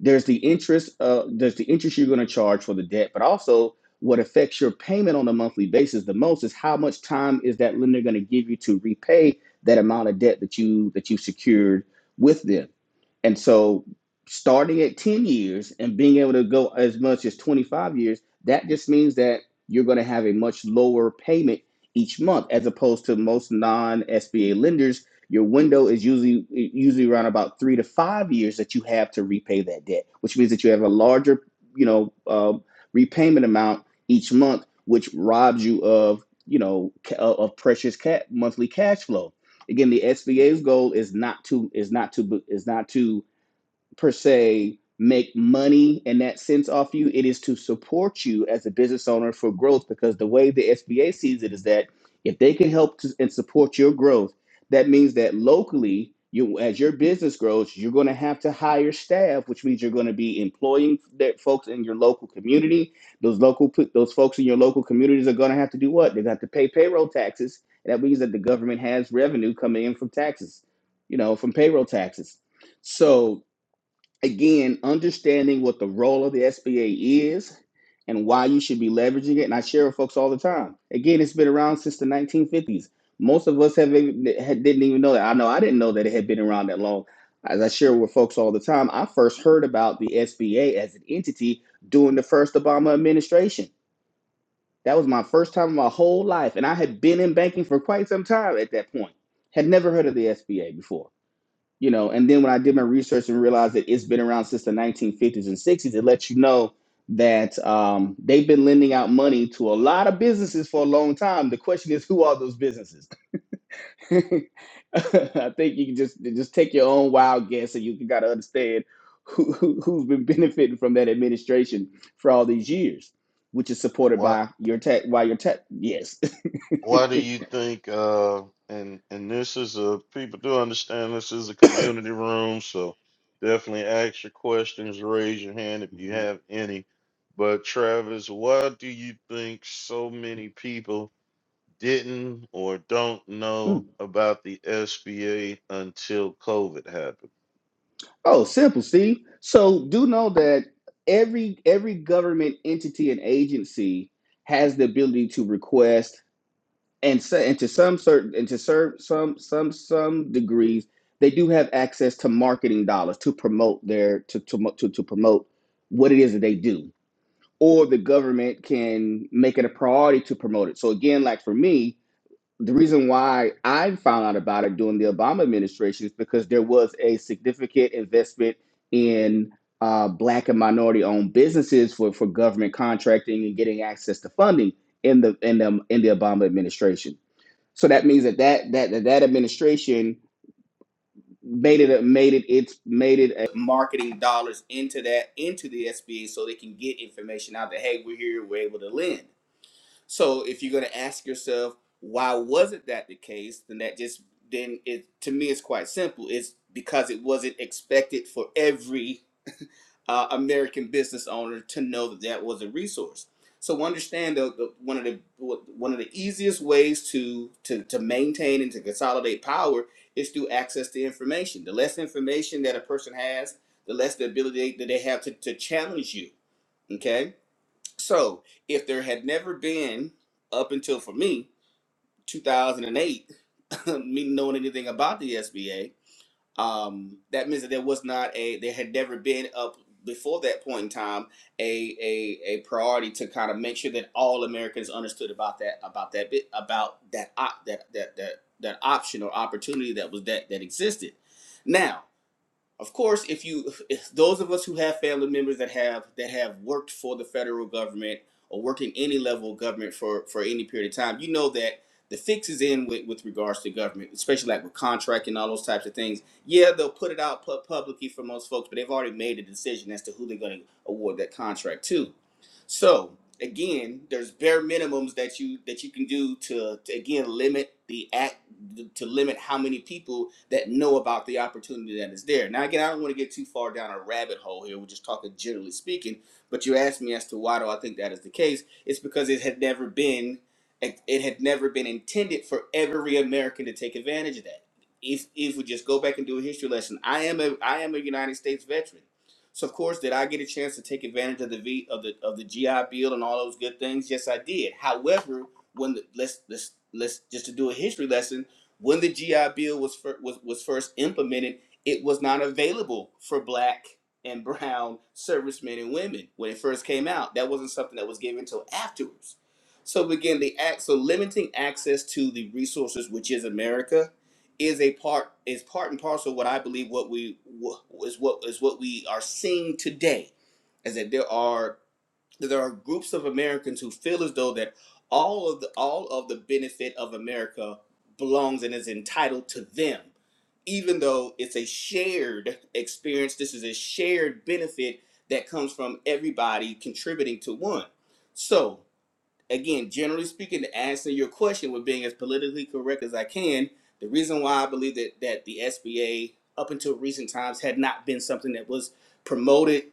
there's the interest uh there's the interest you're going to charge for the debt but also what affects your payment on a monthly basis the most is how much time is that lender going to give you to repay that amount of debt that you that you secured with them and so starting at 10 years and being able to go as much as 25 years, that just means that you're going to have a much lower payment each month as opposed to most non-SBA lenders. Your window is usually usually around about three to five years that you have to repay that debt, which means that you have a larger, you know, uh, repayment amount each month, which robs you of, you know, of precious ca- monthly cash flow. Again, the SBA's goal is not to is not to is not to per se make money in that sense off you. It is to support you as a business owner for growth because the way the SBA sees it is that if they can help to, and support your growth, that means that locally, you as your business grows, you're going to have to hire staff, which means you're going to be employing that folks in your local community. Those local those folks in your local communities are going to have to do what? They're going to have to pay payroll taxes. And that means that the government has revenue coming in from taxes, you know, from payroll taxes. So again, understanding what the role of the SBA is and why you should be leveraging it. And I share with folks all the time. Again, it's been around since the 1950s. Most of us have, had- didn't even know that. I know I didn't know that it had been around that long. As I share with folks all the time, I first heard about the SBA as an entity during the first Obama administration. That was my first time in my whole life. And I had been in banking for quite some time at that point, had never heard of the SBA before you know and then when i did my research and realized that it's been around since the 1950s and 60s it lets you know that um, they've been lending out money to a lot of businesses for a long time the question is who are those businesses *laughs* i think you can just just take your own wild guess and you got to understand who, who, who's been benefiting from that administration for all these years which is supported
What
by your tech by your tech yes *laughs*
Why do you think? Uh, and and this is a people do understand this is a community room, so definitely ask your questions, raise your hand if you have any. But Travis, why do you think so many people? didn't or don't
Mhm.
know about the SBA until COVID happened.
Oh, simple, Steve. So do know that every every government entity and agency has the ability to request and so, and to some certain and to serve some some some degrees they do have access to marketing dollars to promote their to to mo- to, to promote what it is that they do or the government can make it a priority to promote it. So again, like for me, the reason why I found out about it during the Obama administration is because there was a significant investment in uh, black and minority owned businesses for, for government contracting and getting access to funding in the in the in the Obama administration. So that means that that that that, that administration made it a, made it it's made it a marketing dollars into that into the SBA so they can get information out that hey we're here we're able to lend. So if you're going to ask yourself, why wasn't that the case? Then that just then it to me is quite simple. It's because it wasn't expected for every uh, American business owner to know that that was a resource. So understand the, the one of the one of the easiest ways to to to maintain and to consolidate power is through access to information. The less information that a person has, the less the ability that they have to, to challenge you. Okay so if there had never been up until for me 2008, *laughs* me knowing anything about the SBA, um, that means that there was not a there had never been up before that point in time a a, a priority to kind of make sure that all Americans understood about that about that bit about that op, that that that that option or opportunity that was that that existed. Now of course, if you if those of us who have family members that have that have worked for the federal government or worked in any level of government for for any period of time, you know that the fix is in with, with regards to government, especially like with contract and all those types of things. Yeah, they'll put it out pu- publicly for most folks, but they've already made a decision as to who they're going to award that contract to. So again, there's bare minimums that you that you can do to, to again limit the act to limit how many people that know about the opportunity that is there. Now, again, I don't want to get too far down a rabbit hole here. We're just talking generally speaking. But you asked me as to why do I think that is the case? It's because it had never been it had never been intended for every American to take advantage of that. If if we just go back and do a history lesson, I am a I am a United States veteran. So of course, did I get a chance to take advantage of the v, of the of the GI Bill and all those good things? Yes, I did. However, when the, let's let's let's just to do a history lesson, when the GI Bill was fir- was was first implemented, it was not available for black and brown servicemen and women when it first came out. That wasn't something that was given until afterwards. So again, the act so limiting access to the resources, which is America, is a part is part and parcel of what I believe what we wha- is what is what we are seeing today, is that there are that there are groups of Americans who feel as though that all of the all of the benefit of America belongs and is entitled to them, even though it's a shared experience. This is a shared benefit that comes from everybody contributing to one. So again, generally speaking, to answer your question with being as politically correct as I can, the reason why I believe that that the SBA up until recent times had not been something that was promoted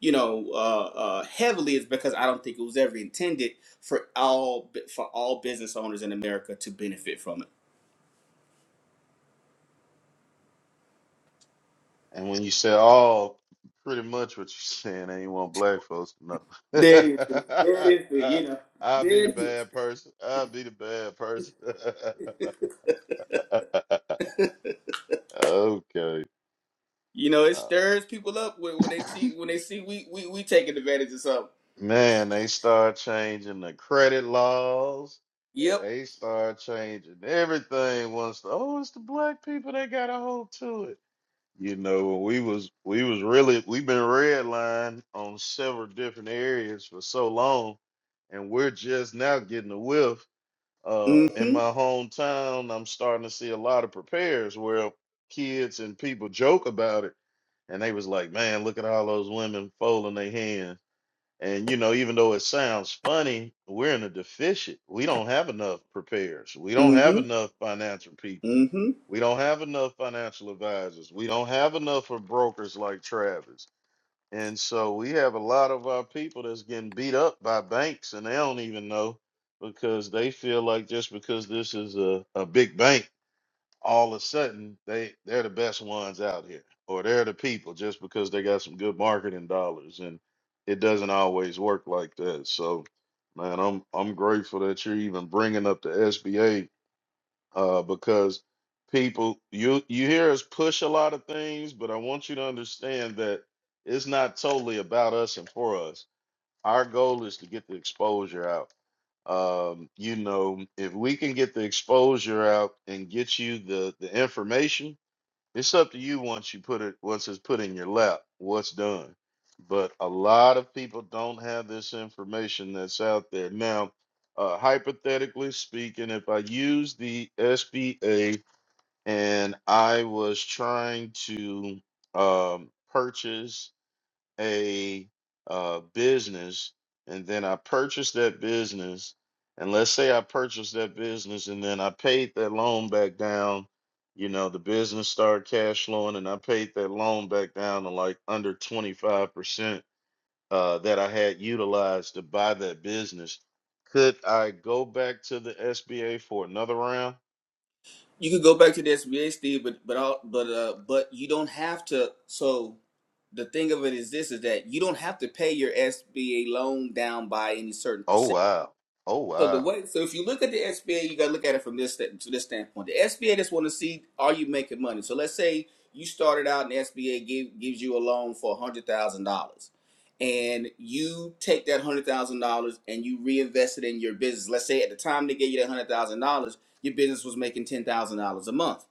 you know, uh, uh, heavily is because I don't think it was ever intended for all for all business owners in America to benefit from it.
And when you say all, oh, pretty much what you're *laughs* saying ain't you want black folks to
There it is. There it is.
know. *laughs*
You know.
I'll be
There
the
it is.
bad person. I'll be the bad person. *laughs* okay.
You know, it
Nah.
stirs people up when, when they see when they see we we we taking advantage of something.
Man, they start changing the credit laws.
Yep.
They start changing everything once. The, oh, it's the black people that got a hold to it You know, we was we was really we've been redlined on several different areas for so long, and we're just now getting a whiff. Uh, in
Mm-hmm.
my hometown, I'm starting to see a lot of prepares where kids and people joke about it, and they was like, "Man, look at all those women folding their hands." And you know, even though it sounds funny, we're in a deficit. We don't have enough preparers. We don't have
Mm-hmm.
enough financial people.
Mm-hmm.
We don't have enough financial advisors. We don't have enough of brokers like Travis. And so we have a lot of our people that's getting beat up by banks and they don't even know because they feel like just because this is a, a big bank all of a sudden they they're the best ones out here or they're the people just because they got some good marketing dollars and it doesn't always work like that so man i'm i'm grateful that you're even bringing up the sba uh because people you you hear us push a lot of things but i want you to understand that it's not totally about us and for us our goal is to get the exposure out. Um, you know, if we can get the exposure out and get you the the information, it's up to you once you put it once it's put in your lap, what's done. But a lot of people don't have this information that's out there. Now, uh, hypothetically speaking, if I use the SBA and I was trying to um, purchase a uh, business and then I purchased that business, and let's say I purchased that business and then I paid that loan back down, you know, the business started cash flowing and I paid that loan back down to like under 25% uh, that I had utilized to buy that business. Could I go back to the SBA for another round?
You could go back to the SBA, Steve, but but all, but uh, but you don't have to. So the thing of it is this: is that you don't have to pay your SBA loan down by any certain percentage
Oh, wow. Oh,
So the
wow.
way, so if you look at the SBA, you got to look at it from this sta- to this standpoint. The SBA just want to see are you making money. So let's say you started out and the SBA give, gives you a loan for one hundred thousand dollars, and you take that one hundred thousand dollars and you reinvest it in your business. Let's say at the time they gave you that one hundred thousand dollars, your business was making ten thousand dollars a month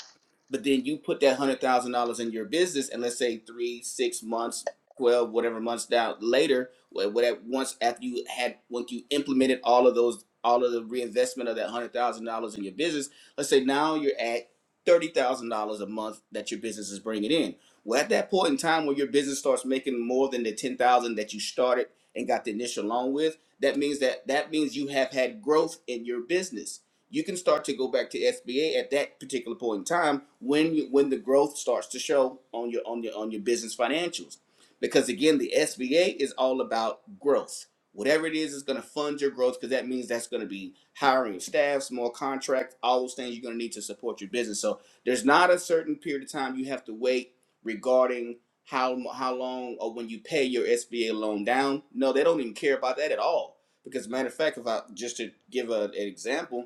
but then you put that hundred thousand dollars in your business, and let's say three, six months, twelve, whatever months down later, whatever once after you had once you implemented all of those, all of the reinvestment of that hundred thousand dollars in your business, let's say now you're at thirty thousand dollars a month that your business is bringing in. Well, at that point in time where your business starts making more than the ten thousand that you started and got the initial loan with, that means that that means you have had growth in your business you can start to go back to SBA at that particular point in time when you, when the growth starts to show on your on your on your business financials. Because again, the SBA is all about growth. Whatever it is, is going to fund your growth because that means that's going to be hiring staffs, more contracts, all those things you're going to need to support your business. So there's not a certain period of time you have to wait regarding how how long or when you pay your SBA loan down. No, they don't even care about that at all. Because matter of fact, if I just to give a, an example,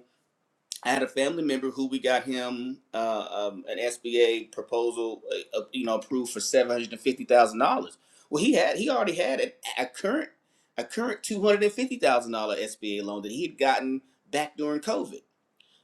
I had a family member who we got him uh, um, an SBA proposal, uh, uh, you know, approved for seven hundred and fifty thousand dollars. Well, he had he already had a, a current a current two hundred and fifty thousand dollar SBA loan that he had gotten back during COVID.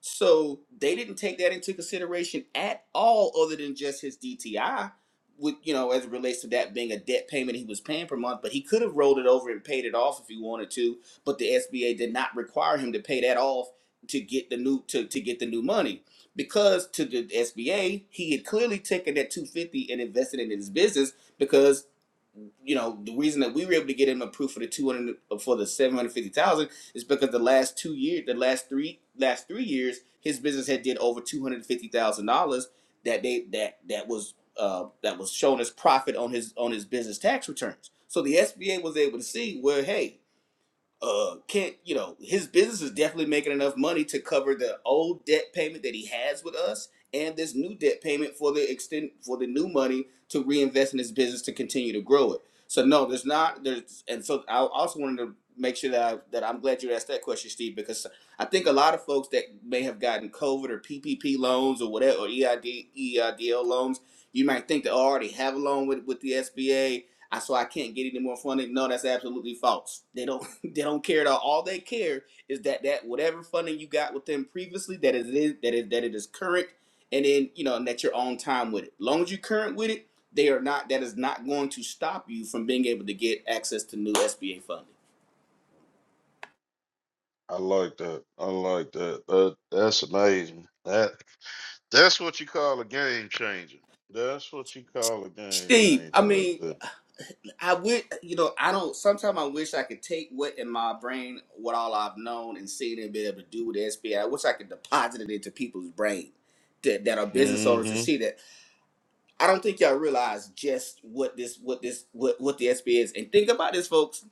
So they didn't take that into consideration at all, other than just his DTI, with you know, as it relates to that being a debt payment he was paying per month. But he could have rolled it over and paid it off if he wanted to. But the SBA did not require him to pay that off to get the new to, to get the new money because to the SBA he had clearly taken that 250 and invested it in his business because you know the reason that we were able to get him approved for the 200 for the 750,000 is because the last two years, the last three, last three years, his business had did over two hundred fifty thousand dollars that they that that was uh, that was shown as profit on his on his business tax returns. So the SBA was able to see where, hey, uh can't you know his business is definitely making enough money to cover the old debt payment that he has with us and this new debt payment for the extent for the new money to reinvest in his business to continue to grow it so no there's not there's and so i also wanted to make sure that I, that i'm glad you asked that question steve because i think a lot of folks that may have gotten covid or ppp loans or whatever or eid eidl loans you might think they already have a loan with with the sba I so I can't get any more funding. No, that's absolutely false. They don't they don't care at all. All they care is that that whatever funding you got with them previously, that it is that it that it is current, and then you know and that you're on time with it. As long as you're current with it, they are not. That is not going to stop you from being able to get access to new SBA funding.
I like that. I like that. that that's amazing. That That's what you call a game changer. That's what you call a game
Steve, I
changer right
mean,
there.
I would you know I don't. Sometimes I wish I could take what in my brain, what all I've known and seen, and be able to do with the SBA. I wish I could deposit it into people's brain that, that are business owners to
Mm-hmm.
see that. I don't think y'all realize just what this what this what what the SBA is. And think about this, folks.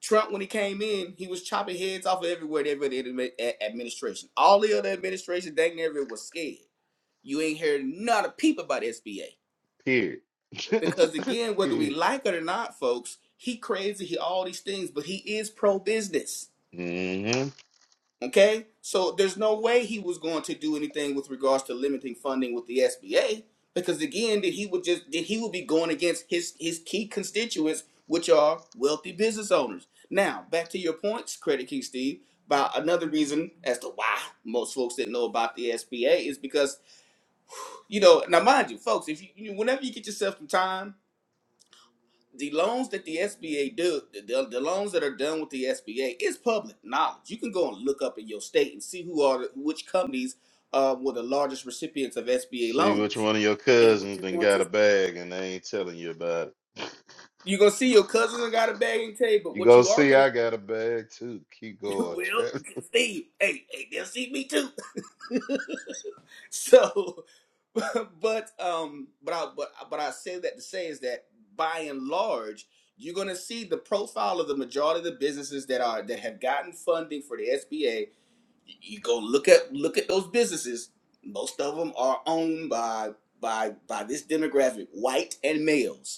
Trump, when he came in, he was chopping heads off of everywhere, every other admi- a- administration. All the other administration, dang near it, was scared. You ain't heard not a peep about SBA
Period. *laughs*
because again, whether we
Period.
like it or not, folks, he crazy, he all these things, but he is pro business.
Mm-hmm.
Okay? So there's no way he was going to do anything with regards to limiting funding with the SBA because again that he would just that he would be going against his his key constituents which are wealthy business owners. Now, back to your points, Credit King Steve, about another reason as to why most folks didn't know about the SBA is because, you know, now mind you, folks, if you, you whenever you get yourself some time the loans that the SBA do, the, the loans that are done with the SBA is public knowledge. You can go and look up in your state and see who are which companies uh, were the largest recipients of SBA
See which
loans.
one of your
And what
cousins
you're
then
going
got a
to
bag and they ain't telling you about it.
you're gonna see your cousins and got a bag and tell you, but
you
what
gonna
you are
see
gonna
I got a bag too. Keep
*laughs*
going,
well,
Travis.
Steve, hey, hey, they'll see me too. *laughs* so, *laughs* but um, but I but but I say that to say is that by and large, you're gonna see the profile of the majority of the businesses that are that have gotten funding for the SBA. You go look at look at those businesses. Most of them are owned by by by this demographic, white and males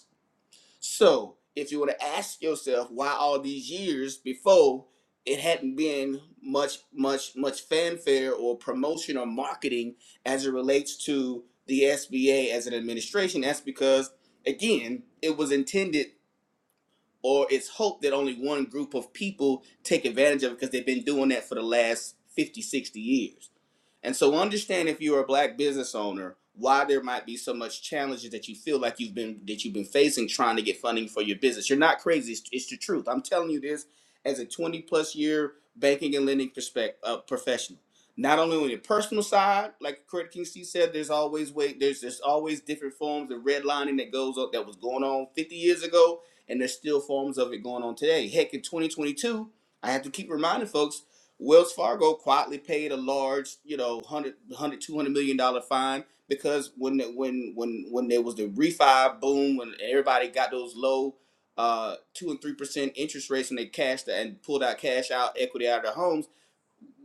so if you were to ask yourself why all these years before it hadn't been much, much, much fanfare or promotion or marketing as it relates to the SBA as an administration, that's because again, it was intended or it's hope that only one group of people take advantage of it because they've been doing that for the last 50, 60 years. And so understand if you're a black business owner, why there might be so much challenges that you feel like you've been that you've been facing trying to get funding for your business. You're not crazy. It's, it's the truth. I'm telling you this as a 20 plus year banking and lending perspective uh, professional. Not only on your personal side, like Credit King C said, there's always way there's there's always different forms of redlining that goes up that was going on 50 years ago and there's still forms of it going on today. Heck, in 2022, I have to keep reminding folks, Wells Fargo quietly paid a large, you know, 100, million dollar fine because when when when when there was the refi boom, when everybody got those low uh two and three percent interest rates and they cashed and pulled out cash out equity out of their homes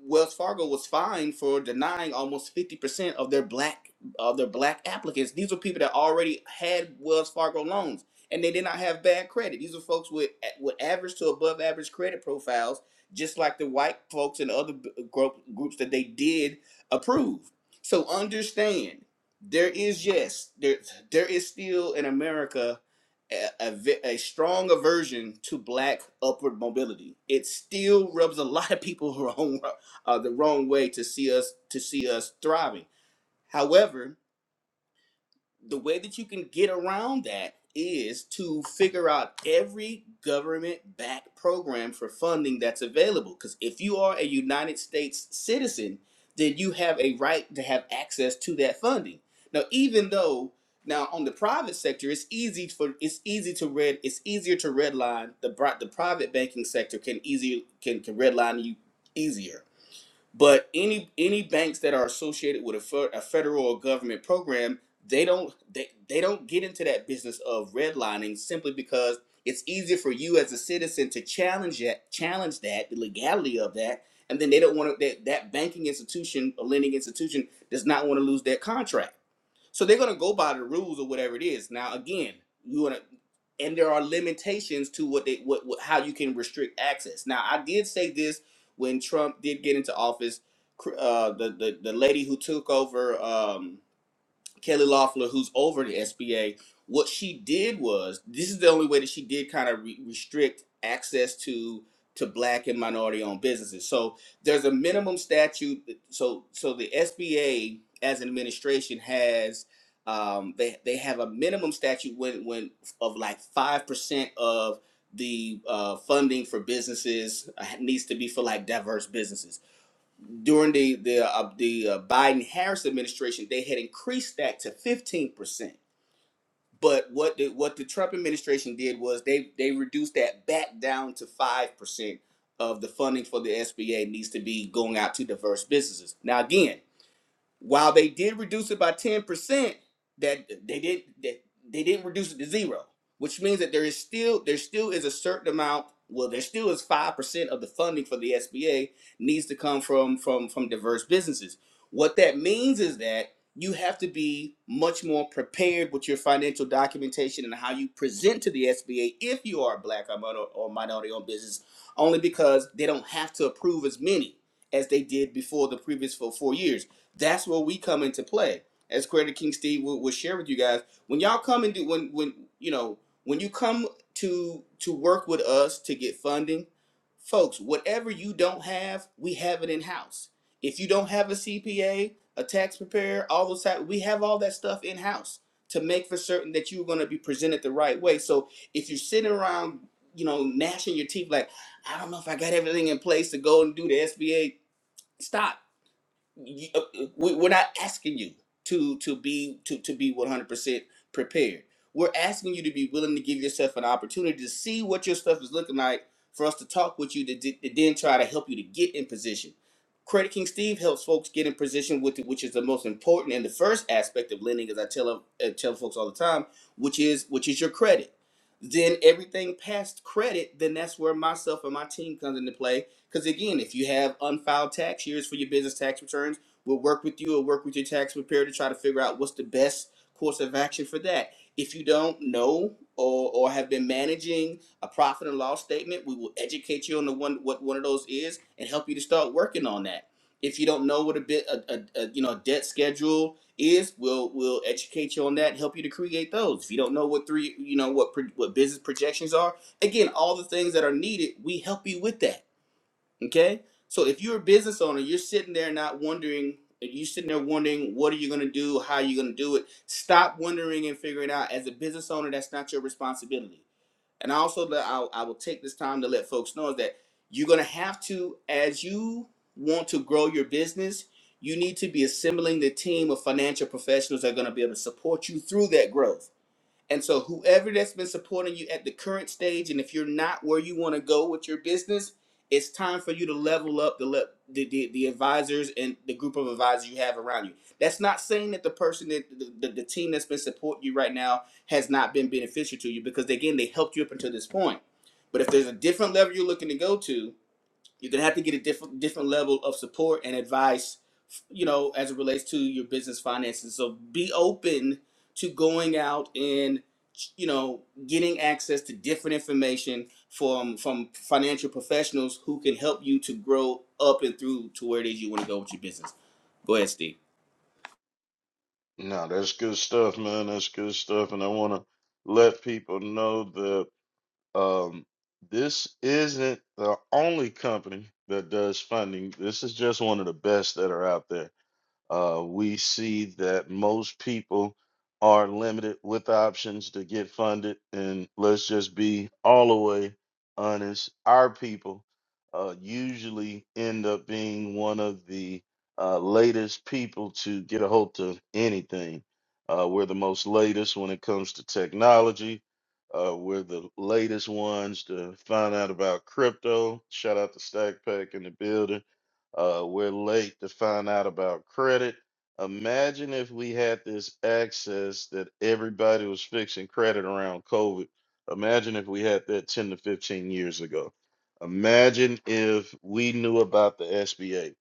Wells Fargo was fined for denying almost fifty percent of their black of their black applicants. These were people that already had Wells Fargo loans and they did not have bad credit. These are folks with with average to above average credit profiles, just like the white folks and other b- group, groups that they did approve. So understand, there is yes, there there is still in America a, a a strong aversion to black upward mobility. It still rubs a lot of people *laughs* wrong uh, the wrong way to see us to see us thriving. However, the way that you can get around that is to figure out every government backed program for funding that's available. Because if you are a United States citizen, then you have a right to have access to that funding. Now, even though now on the private sector, it's easy for it's easy to red it's easier to redline the bri- the private banking sector can easier can, can redline you easier but any any banks that are associated with a, fe- a federal or government program, they don't they, they don't get into that business of redlining simply because it's easier for you as a citizen to challenge that challenge that the legality of that, and then they don't want to that that banking institution or lending institution does not want to lose that contract. So they're gonna go by the rules or whatever it is. Now again, you wanna and there are limitations to what they what, what how you can restrict access. Now I did say this when Trump did get into office. Uh, the, the the lady who took over. Um, Kelly Loeffler, who's over the SBA, what she did was this is the only way that she did kind of re- restrict access to to black and minority owned businesses. So there's a minimum statute. So so the SBA as an administration has um, they they have a minimum statute when when of like five percent of the uh, funding for businesses uh, needs to be for like diverse businesses during the the uh, the uh, Biden Harris administration, they had increased that to fifteen percent. But what the what the Trump administration did was they they reduced that back down to five percent of the funding for the SBA needs to be going out to diverse businesses. Now again, while they did reduce it by 10%, that they did that they didn't reduce it to zero, which means that there is still there still is a certain amount, well, there still is 5% of the funding for the SBA needs to come from from from diverse businesses. What that means is that you have to be much more prepared with your financial documentation and how you present to the SBA if you are a black or minor- or minority owned business, only because they don't have to approve as many as they did before the previous four, four years. That's where we come into play. As Creator King Steve will, will share with you guys, when y'all come and do when when you know when you come to to work with us to get funding, folks, whatever you don't have, we have it in house. If you don't have a CPA, a a tax preparer, all those type, we have all that stuff in house to make for certain that you're going to be presented the right way. So if you're sitting around, you know, gnashing your teeth like, I don't know if I got everything in place to go and do the SBA, stop you, uh, uh, we, we're not asking you to to be to to be 100% prepared we're asking you to be willing to give yourself an opportunity to see what your stuff is looking like for us to talk with you to, d- to then try to help you to get in position credit king steve helps folks get in position with it, which is the most important and the first aspect of lending as i tell 'em- uh, tell folks all the time which is which is your credit then everything past credit then that's where myself and my team comes into play because again, if you have unfiled tax, years for your business tax returns. We'll work with you or work with your tax preparer to try to figure out what's the best course of action for that. If you don't know or, or have been managing a profit and loss statement, we will educate you on the one what one of those is and help you to start working on that. If you don't know what a bit a, a, a you know debt schedule is we'll we'll educate you on that and help you to create those if you don't know what three you know what pro, what business projections are again all the things that are needed we help you with that Okay? So if you're a business owner, you're sitting there not wondering, you're sitting there wondering what are you gonna do, how are you gonna do it. Stop wondering and figuring out. As a business owner, that's not your responsibility. And also that I, I will take this time to let folks know is that you're gonna have to, as you want to grow your business, you need to be assembling the team of financial professionals that are gonna be able to support you through that growth and so, whoever that's been supporting you at the current stage, and if you're not where you want to go with your business, it's time for you to level up the, le- the, the the advisors and the group of advisors you have around you. That's not saying that the person that the, the, the team that's been supporting you right now has not been beneficial to you because again they helped you up until this point. But if there's a different level you're looking to go to, you're gonna have to get a different different level of support and advice, you know, as it relates to your business finances. So be open to going out and you know getting access to different information from from financial professionals who can help you to grow up and through to where it is you want to go with your business. Go ahead, Steve.
No, that's good stuff, man. That's good stuff. And I wanna let people know Um, this isn't the only company that does funding. This is just one of the best that are out there. Uh, we see that most people are limited with options to get funded. And let's just be all the way honest our people uh, usually end up being one of the uh, latest people to get a hold to anything. Uh, we're the most latest when it comes to technology. Uh, we're the latest ones to find out about crypto. Shout out to Stack Pack in the building uh, we're late to find out about credit. Imagine if we had this access that everybody was fixing credit around COVID. Imagine if we had that 10 to 15 years ago. Imagine if we knew about the SBA.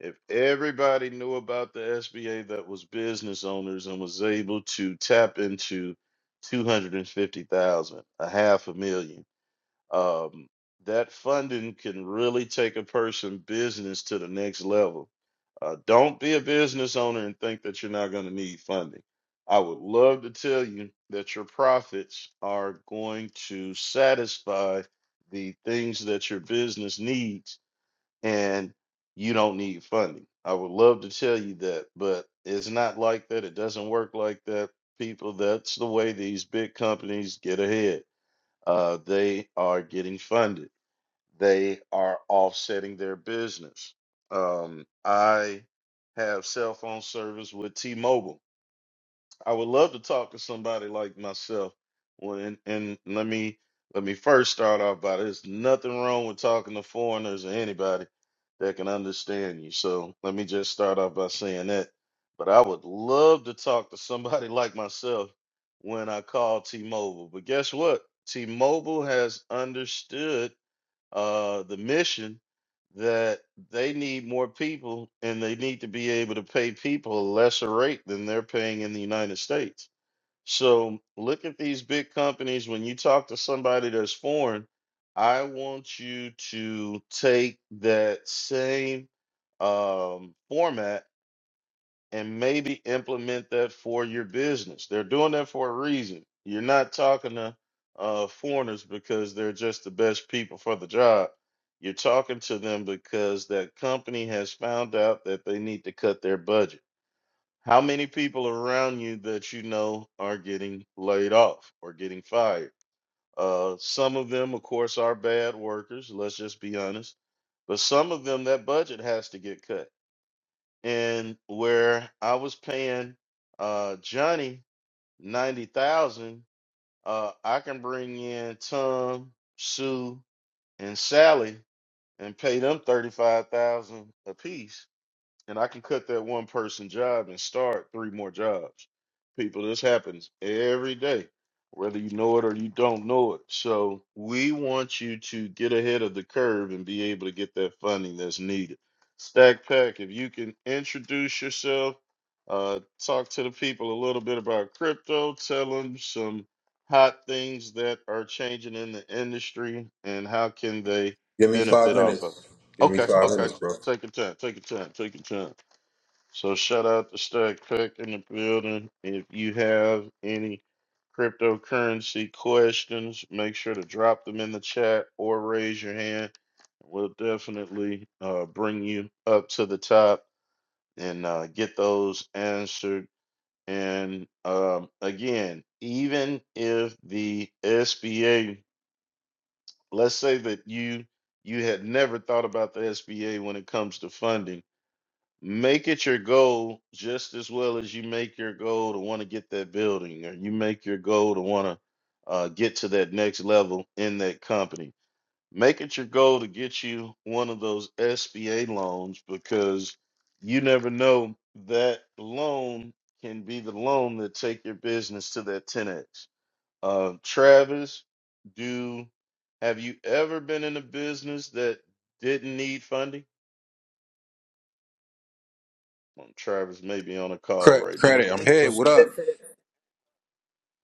If everybody knew about the SBA that was business owners and was able to tap into 250,000, a half a million um, that funding can really take a person business to the next level. Uh, don't be a business owner and think that you're not going to need funding. I would love to tell you that your profits are going to satisfy the things that your business needs and you don't need funding. I would love to tell you that, but it's not like that. It doesn't work like that. People, that's the way these big companies get ahead uh, they are getting funded. They are offsetting their business. Um, I have cell phone service with T-Mobile. I would love to talk to somebody like myself. Well, and, and let me let me first start off by there's nothing wrong with talking to foreigners or anybody that can understand you. So let me just start off by saying that. But I would love to talk to somebody *laughs* like myself when I call T-Mobile. But guess what? T-Mobile has understood uh, the mission that they need more people and they need to be able to pay people a lesser rate than they're paying in the United States. So look at these big companies. When you talk to somebody that's foreign, I want you to take that same um, format and maybe implement that for your business. They're doing that for a reason. You're not talking to uh, foreigners because they're just the best people for the job. You're talking to them because that company has found out that they need to cut their budget. How many people around you that you know are getting laid off or getting fired? Uh, some of them, of course, are bad workers. Let's just be honest. But some of them, that budget has to get cut and where I was paying uh Johnny ninety thousand, uh I can bring in Tom, Sue, and Sally and pay them thirty five thousand apiece and I can cut that one person job and start three more jobs. People, this happens every day, whether you know it or you don't know it. So we want you to get ahead of the curve and be able to get that funding that's needed. Stack Pack, if you can introduce yourself, uh, talk to the people a little bit about crypto, tell them some hot things that are changing in the industry and how can they
Give me five
benefit off of. it.
minutes. Give me
Okay,
five
okay.
minutes, bro.
Take your time, take your time, take your time. So shout out to Stack Tech in the building. If you have any cryptocurrency questions, make sure to drop them in the chat or raise your hand. We'll definitely uh, bring you up to the top and uh, get those answered. And um, again, even if the SBA, let's say that you you had never thought about the SBA when it comes to funding Make it your goal just as well as you make your goal to want to get that building or you make your goal to want to uh, get to that next level in that company. Make it your goal to get you one of those SBA loans because you never know that loan can be the loan that take your business to that 10x. Uh, Travis, do have you ever been in a business that didn't need funding? Well, Travis may be on a call
Cre-
right now.
credit. I'm here.
But
What up?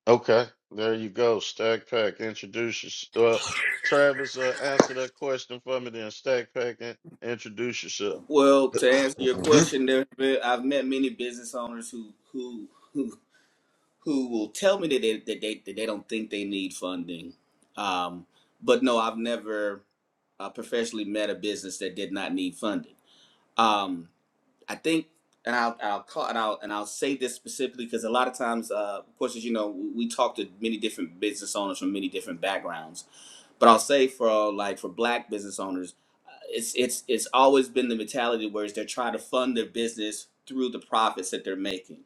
okay, there you go. Stack Pack, introduce yourself. Well, Travis, uh, answer that question for me. Then Stack Pack, in- introduce yourself.
Well, to answer your
hmm
question, there have been- I've met many business owners who who who will tell me that they that they, that they don't think they need funding. Um, but no, I've never uh, professionally met a business that did not need funding. Um, I think, and I'll I'll call and I'll and I'll say this specifically because a lot of times, uh, of course, as you know, we we talk to many different business owners from many different backgrounds but I'll say for uh, like for black business owners, uh, it's it's it's always been the mentality where they're trying to fund their business through the profits that they're making,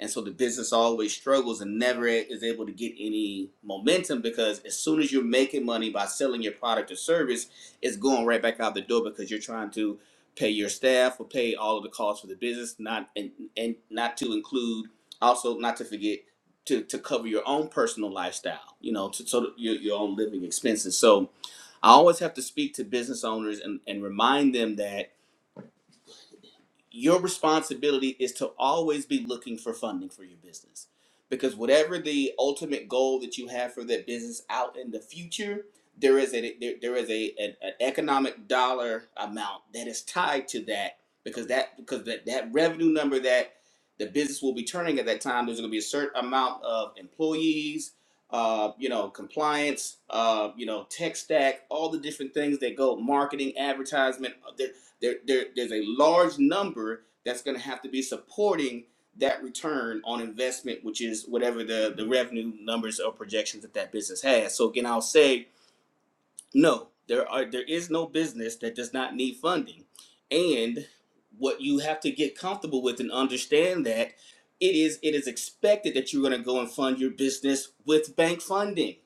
and so the business always struggles and never is able to get any momentum because as soon as you're making money by selling your product or service, it's going right back out the door because you're trying to pay your staff or pay all of the costs for the business, not and and not to include also not to forget to, to cover your own personal lifestyle, you know, to, so that your, your own living expenses. So I always have to speak to business owners and, and remind them that your responsibility is to always be looking for funding for your business because whatever the ultimate goal that you have for that business out in the future there is a there, there is a an, an economic dollar amount that is tied to that because that because that, that revenue number that the business will be turning at that time there's going to be a certain amount of employees uh, you know compliance uh, you know tech stack all the different things that go marketing advertisement there, there, there's a large number that's going to have to be supporting that return on investment, which is whatever the, the revenue numbers or projections that that business has. So again, I'll say no, there are there is no business that does not need funding. And what you have to get comfortable with and understand that it is it is expected that you're going to go and fund your business with bank funding.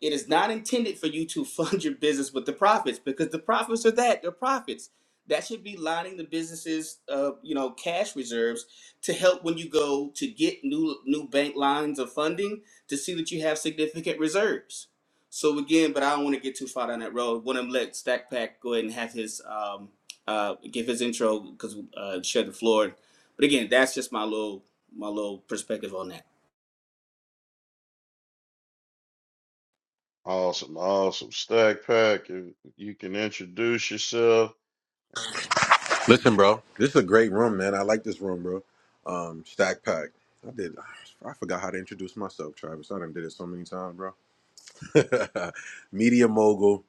It is not intended for you to *laughs* fund your business with the profits because the profits are that, they're profits. That should be lining the business's uh, you know, cash reserves to help when you go to get new new bank lines of funding to see that you have significant reserves so again, but I don't want to get too far down that road. Want to let Stack Pack go ahead and have his um, uh, give his intro because uh, share the floor. But again, that's just my little my little perspective on that.
Awesome, awesome. Stack Pack, you, you can introduce yourself.
Listen, bro. This is a great room, man. I like this room, bro. Um, Stack Pack. I did. I forgot how to introduce myself, Travis. I done did it so many times, bro. *laughs* Media mogul.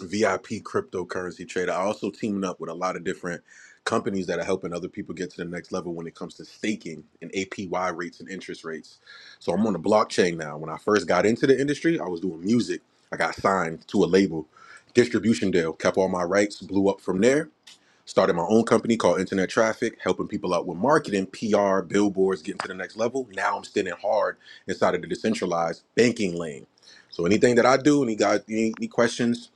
VIP cryptocurrency trader. I also teaming up with a lot of different companies that are helping other people get to the next level when it comes to staking and APY rates and interest rates. So I'm on the blockchain now. When I first got into the industry, I was doing music. I got signed to a label, distribution deal, kept all my rights, blew up from there. Started my own company called Internet Traffic, helping people out with marketing, PR, billboards, getting to the next level. Now I'm standing hard inside of the decentralized banking lane. So anything that I do, any guys, any, any questions,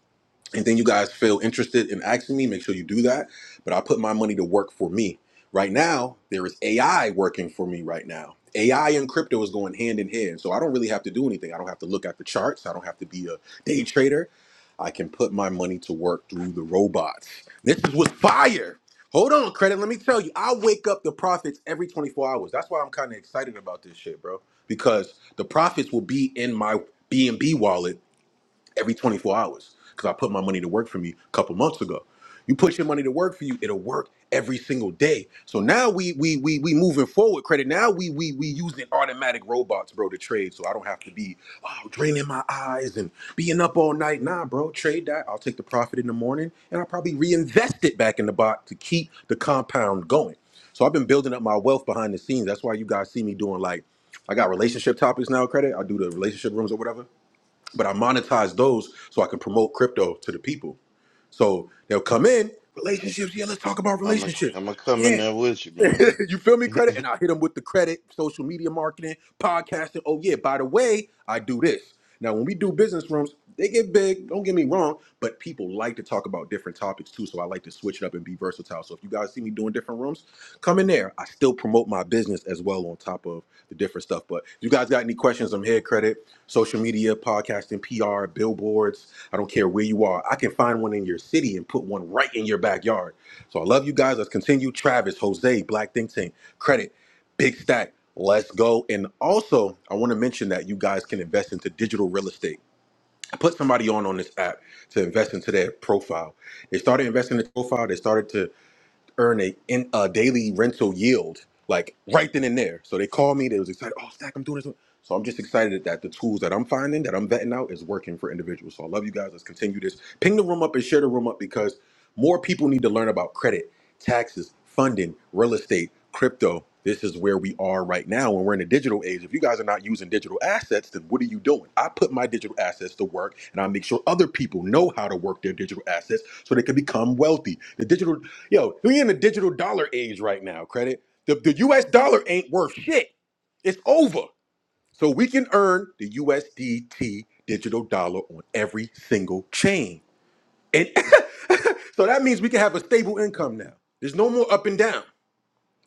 Anything you guys feel interested in asking me, make sure you do that. But I put my money to work for me. Right now, there is AI working for me right now. AI and crypto is going hand in hand. So I don't really have to do anything. I don't have to look at the charts. I don't have to be a day trader. I can put my money to work through the robots. This is what's fire. Hold on, credit. Let me tell you, I wake up the profits every 24 hours. That's why I'm kind of excited about this shit, bro. Because the profits will be in my BNB wallet every 24 hours because I put my money to work for me a couple months ago. You put your money to work for you, it'll work every single day. So now we we we we moving forward credit. Now we we we using automatic robots, bro, to trade. So I don't have to be oh, draining my eyes and being up all night. Nah, bro, trade that. I'll take the profit in the morning and I'll probably reinvest it back in the bot to keep the compound going. So I've been building up my wealth behind the scenes. That's why you guys see me doing like I got relationship topics now, credit. I do the relationship rooms or whatever but I monetize those so I can promote crypto to the people. So they'll come in relationships. Yeah, let's talk about
I'm a,
relationships.
I'm gonna come in
Yeah,
there with you, man.
*laughs* you feel
*laughs*
me, credit? And
there
I hit them with the credit, social media marketing, podcasting. Oh, yeah, by the way, I do this. Now, when we do business rooms, they get big, don't get me wrong, but people like to talk about different topics too. So I like to switch it up and be versatile. So if you guys see me doing different rooms, come in there. I still promote my business as well on top of the different stuff. But if you guys got any questions, I'm here, credit, social media, podcasting, PR, billboards. I don't care where you are. I can find one in your city and put one right in your backyard so I love you guys. Let's continue. Travis, Jose, Black Think Tank, Credit, Big Stack. Let's go. And also, I want to mention that you guys can invest into digital real estate. I put somebody on on this app to invest into their profile. They started investing in their profile. They started to earn a, in, a daily rental yield like right then and there. So they called me. They was excited. Oh, Stack, I'm doing this. So I'm just excited that the tools that I'm finding that I'm vetting out is working for individuals. So I love you guys. Let's continue this. Ping the room up and share the room up because more people need to learn about credit, taxes, funding, real estate, crypto. This is where we are right now, and we're in a digital age. If you guys are not using digital assets, then what are you doing? I put my digital assets to work, and I make sure other people know how to work their digital assets so they can become wealthy. The digital Yo, we in the digital dollar age right now, credit. The, the US dollar ain't worth shit. It's over. So we can earn the USDT digital dollar on every single chain. And *laughs* so that means we can have a stable income now. There's no more up and down.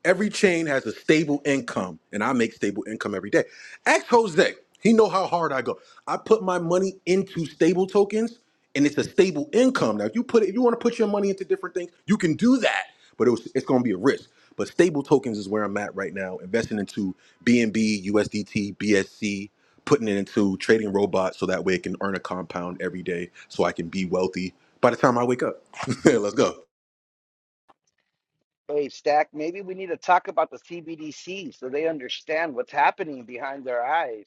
Every chain has a stable income, and I make stable income every day. Ask Jose. He know how hard I go. I put my money into stable tokens, and it's a stable income. Now, if you put it, if you want to put your money into different things, you can do that, but it was, it's going to be a risk. But stable tokens is where I'm at right now, investing into BNB, USDT, BSC, putting it into trading robots so that way it can earn a compound every day, so I can be wealthy by the time I wake up. *laughs* Let's go.
Hey, Stack, maybe we need to talk about the CBDC so they understand what's happening behind their eyes.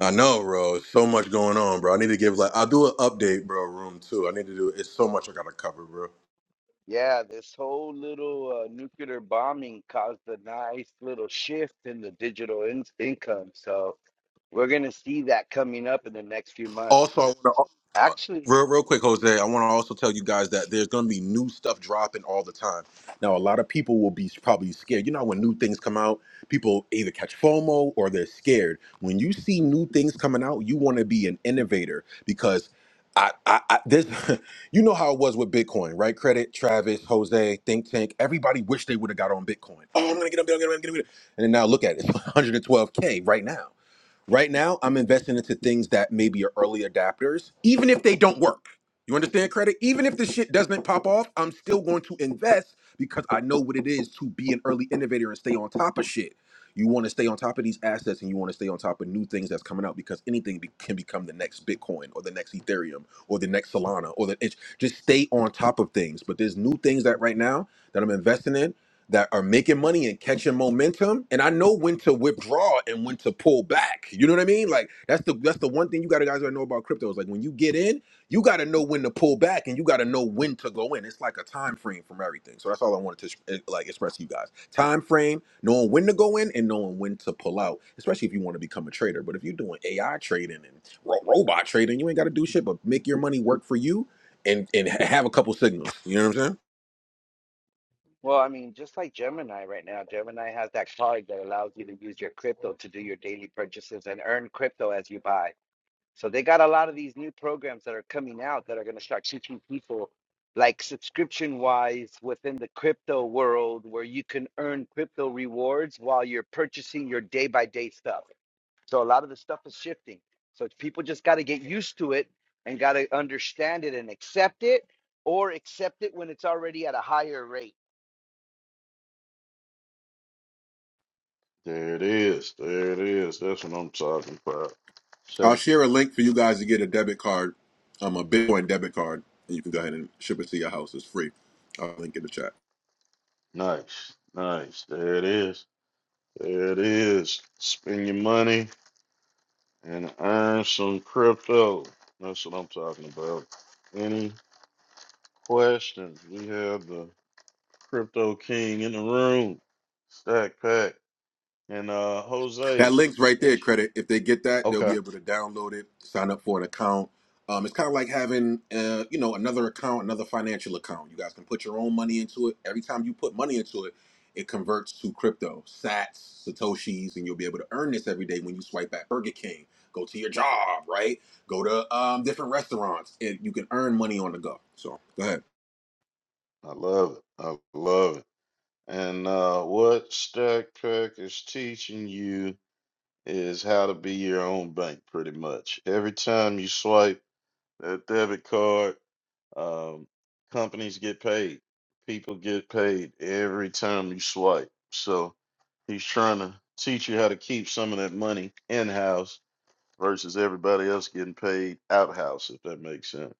I know, bro. So much going on, bro. I need to give like I'll do an update, bro. Room two. I need to do. It's so much I gotta cover, bro.
Yeah, this whole little uh, nuclear bombing caused a nice little shift in the digital in- income. So we're going to see that coming up in the next few months.
Also, I want to
Actually,
Real, real quick, Jose. I want to also tell you guys that there's going to be new stuff dropping all the time. Now, a lot of people will be probably scared. You know, when new things come out, people either catch FOMO or they're scared. When you see new things coming out, you want to be an innovator because I, I, I this, *laughs* you know how it was with Bitcoin, right? Credit, Travis, Jose, Think Tank. Everybody wished they would have got on Bitcoin. Oh, I'm gonna get on Bitcoin, I'm gonna get on Bitcoin. And then now look at it, it's *laughs* 112k right now. Right now, I'm investing into things that maybe are early adapters, even if they don't work. You understand, credit? Even if the shit doesn't pop off, I'm still going to invest because I know what it is to be an early innovator and stay on top of shit. You want to stay on top of these assets and you want to stay on top of new things that's coming out because anything be- can become the next Bitcoin or the next Ethereum or the next Solana or the it's just stay on top of things. But there's new things that right now that I'm investing in that are making money and catching momentum and i know when to withdraw and when to pull back you know what i mean like that's the that's the one thing you gotta guys gotta know about crypto is like when you get in you gotta know when to pull back and you gotta know when to go in it's like a time frame from everything so that's all i wanted to eh, like express to you guys time frame knowing when to go in and knowing when to pull out especially if you want to become a trader but if you're doing ai trading and ro- robot trading you ain't gotta do shit but make your money work for you and and have a couple signals you know what i'm saying
well, I mean, just like Gemini right now, Gemini has that card that allows you to use your crypto to do your daily purchases and earn crypto as you buy. So they got a lot of these new programs that are coming out that are going to start teaching people like subscription wise within the crypto world where you can earn crypto rewards while you're purchasing your day by day stuff. So a lot of the stuff is shifting. So people just got to get used to it and got to understand it and accept it or accept it when it's already at a higher rate.
it is. There it is. That's what I'm talking about. Shut
I'll
up.
share a link for you guys to get a debit card, um, a Bitcoin debit card, and you can go ahead and ship it to your house. It's free. I'll link in the chat.
Nice, nice. There it is. There it is. Spend your money. and earn some crypto. That's what I'm talking about. Any questions? We have the crypto king in the room, Stack Pack, and uh
That
Jose.
link's right there,
It's
credit. If they get that, they'll
okay.
be able to download it, sign up for an account. Um, it's kind of like having, uh, you know, another account, another financial account. You guys can put your own money into it. Every time you put money into it, it converts to crypto, sats, satoshis, and you'll be able to earn this every day when you swipe at Burger King, go to your job, right? Go to um, different restaurants, and you can earn money on the go. So go ahead.
I love it. I love it. And uh what Stack Pack is teaching you is how to be your own bank pretty much. Every time you swipe that debit card, Um, companies get paid. People get paid every time you swipe. So he's trying to teach you how to keep some of that money in house versus everybody else getting paid out house, if that makes sense.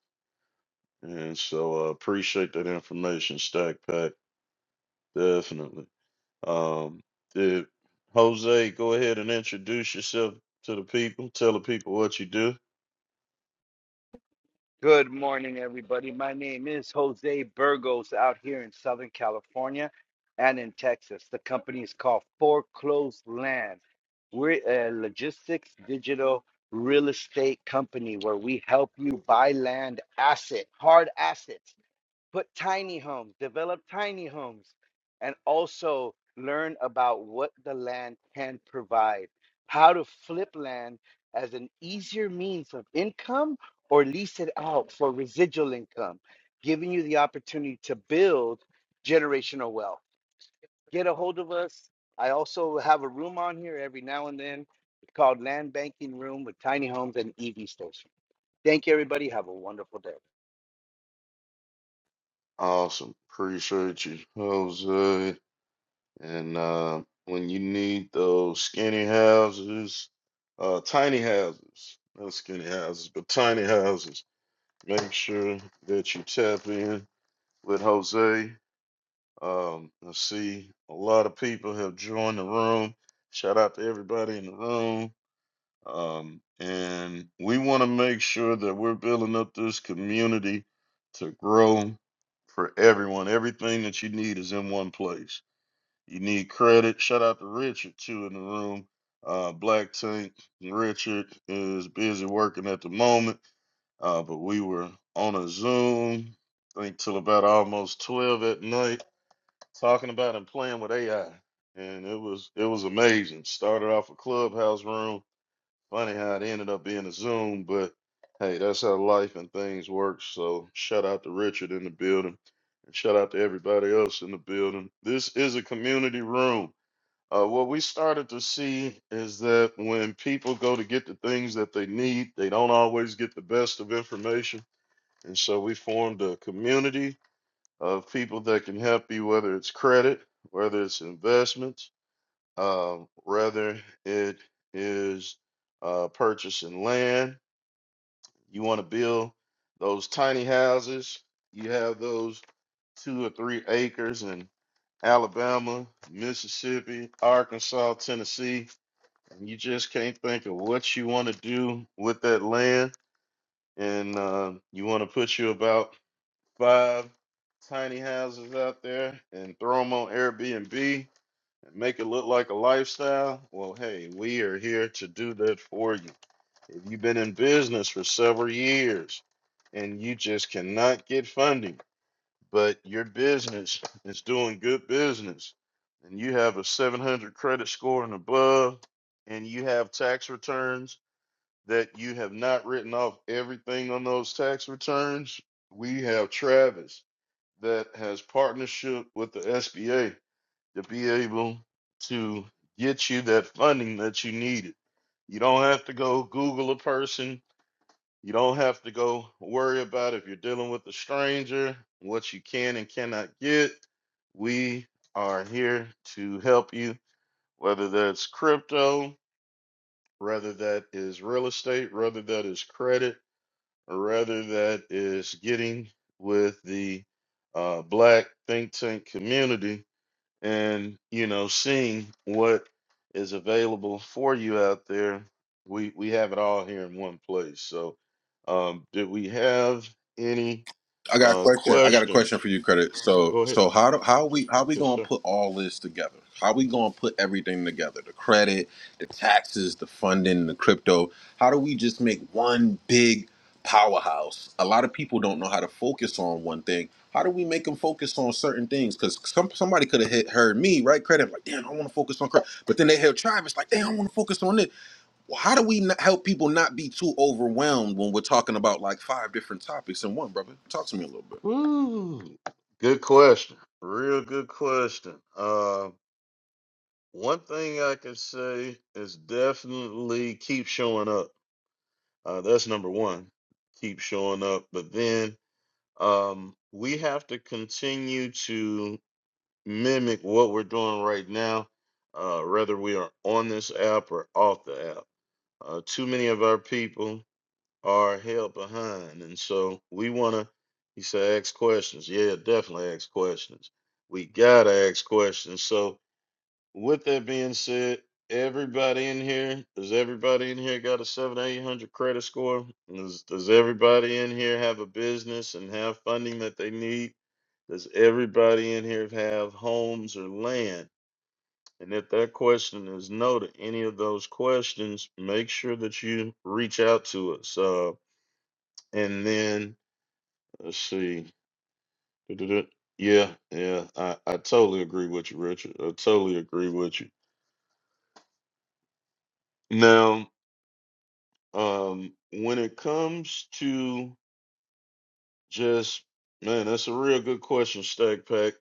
And so uh, appreciate that information, Stack Pack. Definitely. Um, did- Jose, go ahead and introduce yourself to the people. Tell the people what you do.
Good morning, everybody. My name is Jose Burgos out here in Southern California and in Texas. The company is called Foreclosed Land. We're a logistics digital real estate company where we help you buy land asset, hard assets put tiny homes, develop tiny homes, and also learn about what the land can provide, how to flip land as an easier means of income or lease it out for residual income, giving you the opportunity to build generational wealth. Get a hold of us. I also have a room on here every now and then. It's called Land Banking Room with Tiny Homes and EV Station. Thank you, everybody. Have a wonderful day.
Awesome. Appreciate you, Jose. And uh, when you need those skinny houses, uh, tiny houses, not skinny houses, but tiny houses, make sure that you tap in with Jose. Um, I see a lot of people have joined the room. Shout out to everybody in the room. Um, and we want to make sure that we're building up this community to grow for everyone. Everything that you need is in one place you need credit. Shout out to Richard too in the room. Uh, Black Tank Richard is busy working at the moment, uh, but we were on a Zoom, I think till about almost twelve at night, talking about and playing with AI, and it was it was amazing. Started off a clubhouse room. Funny how it ended up being a Zoom, but hey, that's how life and things work. So shout out to Richard in the building, and shout out to everybody else in the building. This is a community room. Uh, what we started to see is that when people go to get the things that they need, they don't always get the best of information. And so we formed a community of people that can help you, whether it's credit, whether it's investments, um, whether it is uh, purchasing land. You want to build those tiny houses, you have those two or three acres in Alabama, Mississippi, Arkansas, Tennessee and you just can't think of what you want to do with that land, and uh, you want to put you about five tiny houses out there and throw them on Airbnb and make it look like a lifestyle. Well, hey, we are here to do that for you. If you've been in business for several years and you just cannot get funding, but your business is doing good business and you have a 700 credit score and above, and you have tax returns that you have not written off everything on those tax returns, we have Travis that has partnership with the SBA to be able to get you that funding that you needed. You don't have to go Google a person. You don't have to go worry about if you're dealing with a stranger, what you can and cannot get. We are here to help you, whether that's crypto, whether that is real estate, whether that is credit rather that is getting with the uh, black think tank community and you know seeing what is available for you out there we we have it all here in one place so um do we have any
I got a
uh
question. I got a question
questions
for you, credit. So,
go ahead
so how do how we how we
yes
gonna
sir
put all this together? How we gonna put everything together? The credit, the taxes, the funding, the crypto. How do we just make one big powerhouse? A lot of people don't know how to focus on one thing. How do we make them focus on certain things? Because some somebody could have hit heard me right credit like, damn, I want to focus on credit, but then they heard Travis like, damn, I want to focus on this. Well, how do we not help people not be too overwhelmed when we're talking about like five different topics in one, brother? Talk to me a little bit.
Ooh, good question real good question uh one thing i can say is definitely keep showing up Uh, that's number one. Keep showing up. But then um, we have to continue to mimic what we're doing right now, uh, whether we are on this app or off the app. Uh, too many of our people are held behind. And so we want to, you say, ask questions. Yeah, definitely ask questions. We got to ask questions. So, with that being said, everybody in here, does everybody in here got a seven eight hundred credit score? Does does everybody in here have a business and have funding that they need? Does everybody in here have homes or land? And if that question is no to any of those questions, make sure that you reach out to us. Uh, and then let's see. *tsk* Yeah, yeah, I, I totally agree with you, Richard. I totally agree with you. Now, Um, when it comes to just man, that's a real good question, Stack Pack.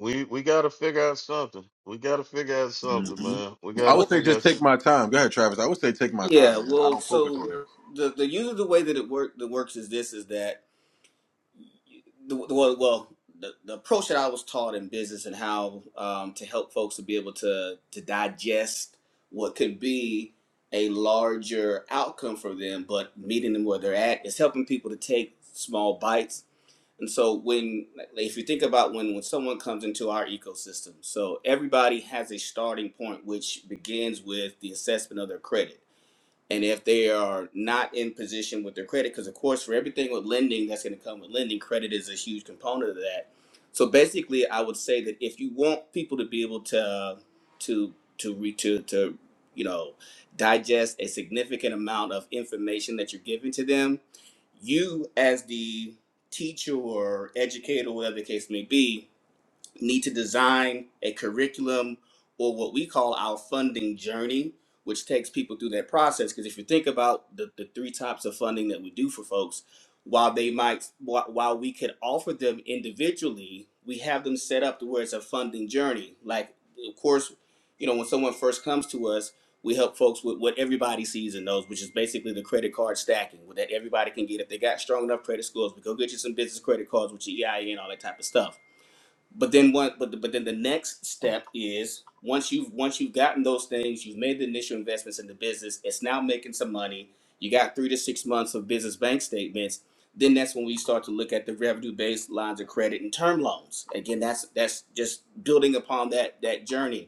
We we gotta figure out something. We gotta figure out something,
hmm
man. We
I
gotta
would
Well,
say
figure out.
just take
s-
my time. Go ahead, Travis. I would say take my time,
yeah.
man. I
Well,
don't focus on
so
it.
the the usually the way that it work that works is this is that the, the well, well the, the approach that I was taught in business and how um, to help folks to be able to to digest what could be a larger outcome for them, but meeting them where they're at is helping people to take small bites. And so when if you think about when when someone comes into our ecosystem, so everybody has a starting point which begins with the assessment of their credit and if they are not in position with their credit because of course for everything with lending that's going to come with lending credit is a huge component of that so basically i would say that if you want people to be able to to to re to, to you know digest a significant amount of information that you're giving to them you as the teacher or educator whatever the case may be need to design a curriculum or what we call our funding journey, which takes people through that process. Because if you think about the, the three types of funding that we do for folks, while they might, wh- while we could offer them individually, we have them set up to where it's a funding journey. Like, of course, you know, when someone first comes to us, we help folks with what everybody sees and knows, which is basically the credit card stacking that everybody can get. If they got strong enough credit scores, we go get you some business credit cards with your EIA and all that type of stuff but then one, but but then the next step is once you've once you've gotten those things, you've made the initial investments in the business. It's now making some money. You got three to six months of business bank statements. Then that's when we start to look at the revenue based lines of credit and term loans. Again, that's that's just building upon that that journey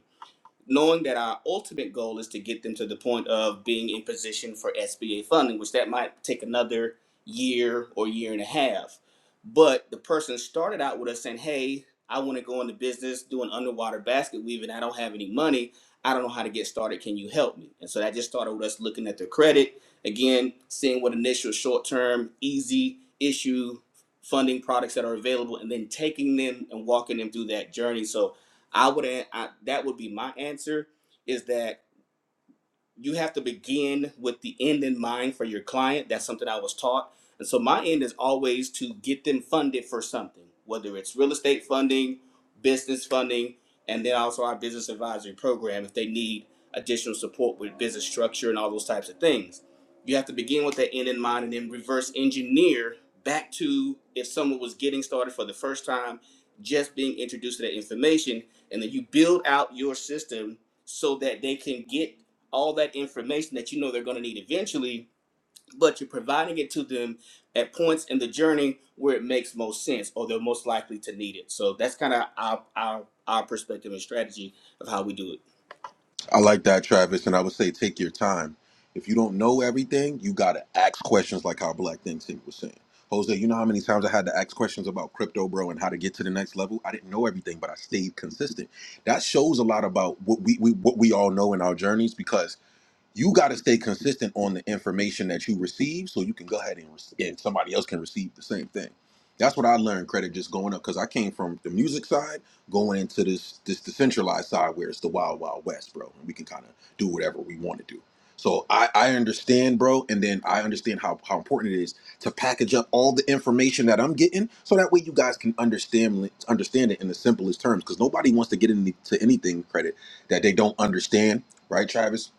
knowing that our ultimate goal is to get them to the point of being in position for SBA funding, which that might take another year or year and a half. But the person started out with us saying, "Hey, I want to go into business doing underwater basket weaving. I don't have any money. I don't know how to get started. Can you help me?" And so that just started with us looking at their credit again, seeing what initial short-term, easy issue funding products that are available, and then taking them and walking them through that journey. So I would a- I, that would be my answer is that you have to begin with the end in mind for your client. That's something I was taught. And so my end is always to get them funded for something, whether it's real estate funding, business funding, and then also our business advisory program if they need additional support with business structure and all those types of things. You have to begin with that end in mind and then reverse engineer back to if someone was getting started for the first time, just being introduced to that information and then you build out your system so that they can get all that information that you know they're going to need eventually but you're providing it to them at points in the journey where it makes most sense or they're most likely to need it so that's kind of our, our our perspective and strategy of how we do it
I like that, Travis, and I would say take your time. If you don't know everything, you gotta ask questions like how Black Thing Sink was saying. Jose, you know how many times I had to ask questions about crypto, bro, and how to get to the next level? I didn't know everything, but I stayed consistent. That shows a lot about what we, we what we all know in our journeys because you got to stay consistent on the information that you receive so you can go ahead and, rec- and somebody else can receive the same thing that's what i learned credit just going up because i came from the music side going into this this decentralized side where it's the wild wild west bro and we can kind of do whatever we want to do so I, I understand bro and then i understand how, how important it is to package up all the information that i'm getting so that way you guys can understand understand it in the simplest terms because nobody wants to get into anything credit that they don't understand right travis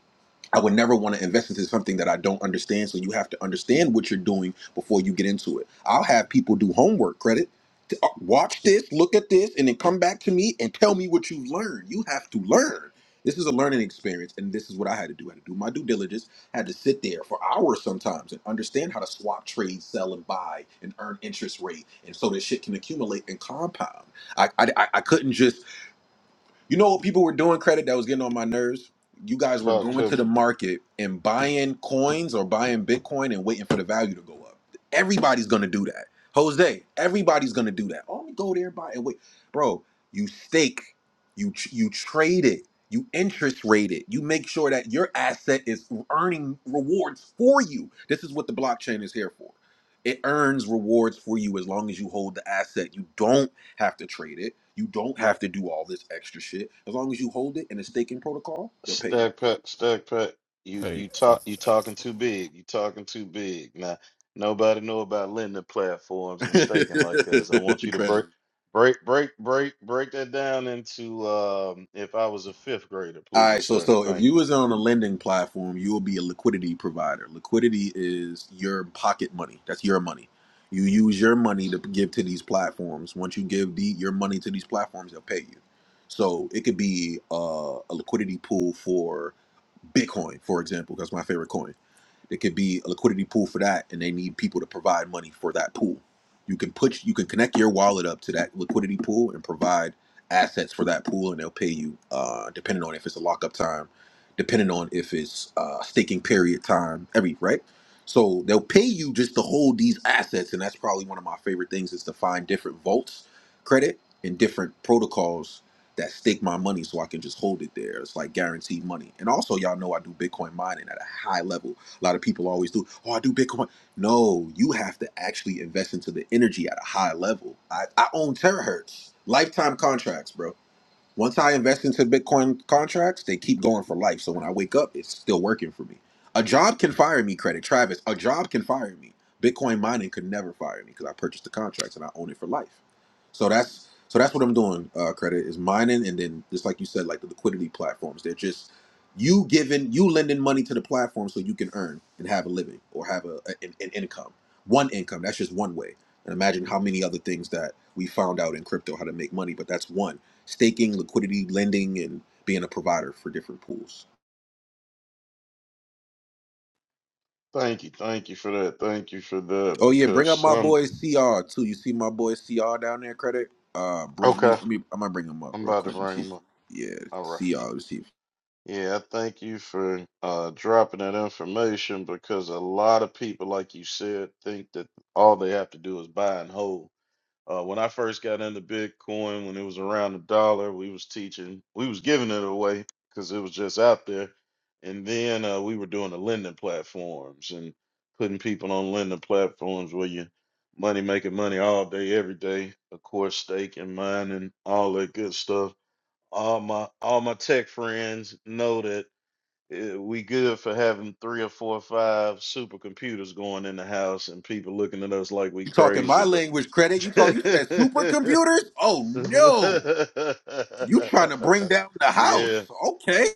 I would never want to invest into something that I don't understand. So you have to understand what you're doing before you get into it. I'll have people do homework credit. T- uh, Watch this, look at this, and then come back to me and tell me what you've learned. You have to learn. This is a learning experience, and this is what I had to do. I had to do my due diligence. I had to sit there for hours sometimes and understand how to swap, trade, sell, and buy, and earn interest rate, and so this shit can accumulate and compound. I I, I I couldn't just you know what people were doing credit that was getting on my nerves? You guys were
Talk
going
to
to
me,
the market and buying coins or buying Bitcoin and waiting for the value to go up. Everybody's gonna do that. Jose, everybody's gonna do that. Oh, let me go there buy and wait. Bro, you stake, you tr- you trade it, you interest rate it, you make sure that your asset is earning rewards for you. This is what the blockchain is here for. It earns rewards for you as long as you hold the asset. You don't have to trade it. You don't have to do all this extra shit. As long as you hold it in a staking protocol, they'll pay you.
Stack Pack. Stack Pack. You
hey
you
I,
talk you talking too big. You talking too big. Now nobody know about lending platforms and staking like us. I want
*laughs*
you to
Credit.
break break break break break that down into um if I was a fifth grader,
All right,
please,
so
sir.
so if
Thank you.
you was on a lending platform, you will be a liquidity provider. Liquidity is your pocket money. That's your money. You use your money to give to these platforms. Once you give the, your money to these platforms, they'll pay you. So it could be uh, a liquidity pool for Bitcoin, for example. That's my favorite coin There could be a liquidity pool for that, and they need people to provide money for that pool. You can put you can connect your wallet up to that liquidity pool and provide assets for that pool, and they'll pay you uh, depending on if it's a lockup time, depending on if it's uh, staking period time, every right. So they'll pay you just to hold these assets, and that's probably one of my favorite things is to find different vaults, credit, and different protocols that stake my money so I can just hold it there. It's like guaranteed money. And also, y'all know I do Bitcoin mining at a high level. A lot of people always do, oh, I do Bitcoin. No, you have to actually invest into the energy at a high level. I, I own terahertz, lifetime contracts, bro. Once I invest into Bitcoin contracts, they keep going for life. So when I wake up, it's still working for me. A job can fire me, credit Travis. A job can fire me. Bitcoin mining could never fire me because I purchased the contracts and I own it for life. So that's so that's what I'm doing. Uh, credit is mining, and then just like you said, like the liquidity platforms, they're just you giving you lending money to the platform so you can earn and have a living or have a, a- an, an income, one income. That's just one way. And imagine how many other things that we found out in crypto how to make money, but that's one staking, liquidity, lending, and being a provider for different pools.
Thank you, thank you for that. Thank you for that
Oh yeah,
because
bring up my
some
boy CR too. You see my boy CR down there, credit. Uh, bring me.
okay,
Let me I'm gonna bring him up
I'm
real
about to
quick. Let me
bring
see.
'em
If,
up. All right.
yeah, CR. Let me see. If,
Yeah, thank you for uh dropping that information because a lot of people, like you said, think that all they have to do is buy and hold. Uh, when I first got into Bitcoin, when it was around a dollar, we was teaching, we was giving it away because it was just out there. And then uh, we were doing the lending platforms and putting people on lending platforms where you money making money all day, every day. Of course, stake and mining, all that good stuff. All my all my tech friends know that uh, we good for having three or four or five supercomputers going in the house and people looking at us like we
you talking
crazy,
my
but
language, credit? You talk. You said
*laughs*
supercomputers? Oh
*laughs*
no! You trying to bring down the house?
yeah,
Okay.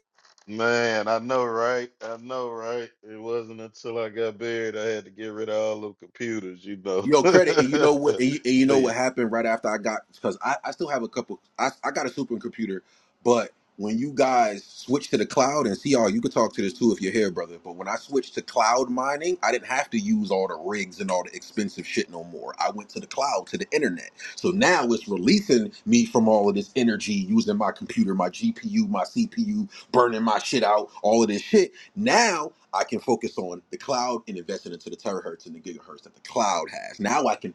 man, I know, right? I know, right? It wasn't until I got buried I had to get rid of all the computers, you know. *laughs*
Yo, credit, and you know what? And you, and you know
but yeah,
what happened right after I got because I, I still have a couple. I, I got a supercomputer, but when you guys switch to the cloud and see all, you could talk to this too if you're here, brother. But when I switched to cloud mining, I didn't have to use all the rigs and all the expensive shit no more. I went to the cloud to the internet, so now it's releasing me from all of this energy using my computer, my GPU, my CPU, burning my shit out, all of this shit. Now I can focus on the cloud and invest it into the terahertz and the gigahertz that the cloud has. Now I can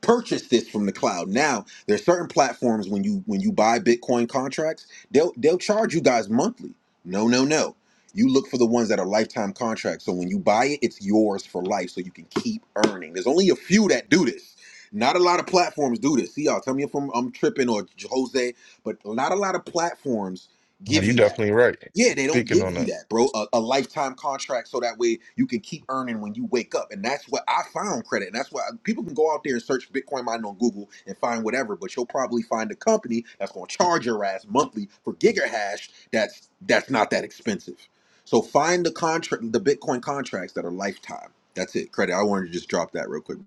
purchase this from the cloud. Now there are certain platforms when you when you buy Bitcoin contracts, they'll they'll charge you guys monthly. No, no, no. You look for the ones that are lifetime contracts. So when you buy it, it's yours for life, so you can keep earning. There's only a few that do this. Not a lot of platforms do this. See y'all. Tell me if I'm, I'm tripping or Jose, but not a lot of platforms
Nah,
give
you
you that.
definitely right.
Yeah, they don't
Speaking on
give
that.
you that, bro. A, a lifetime contract, so that way you can keep earning when you wake up, and that's what I found credit, and that's why people can go out there and search Bitcoin mining on Google and find whatever, but you'll probably find a company that's going to charge your ass monthly for gigahash. That's that's not that expensive. So find the contract, the Bitcoin contracts that are lifetime. That's it, credit. I wanted to just drop that real quick.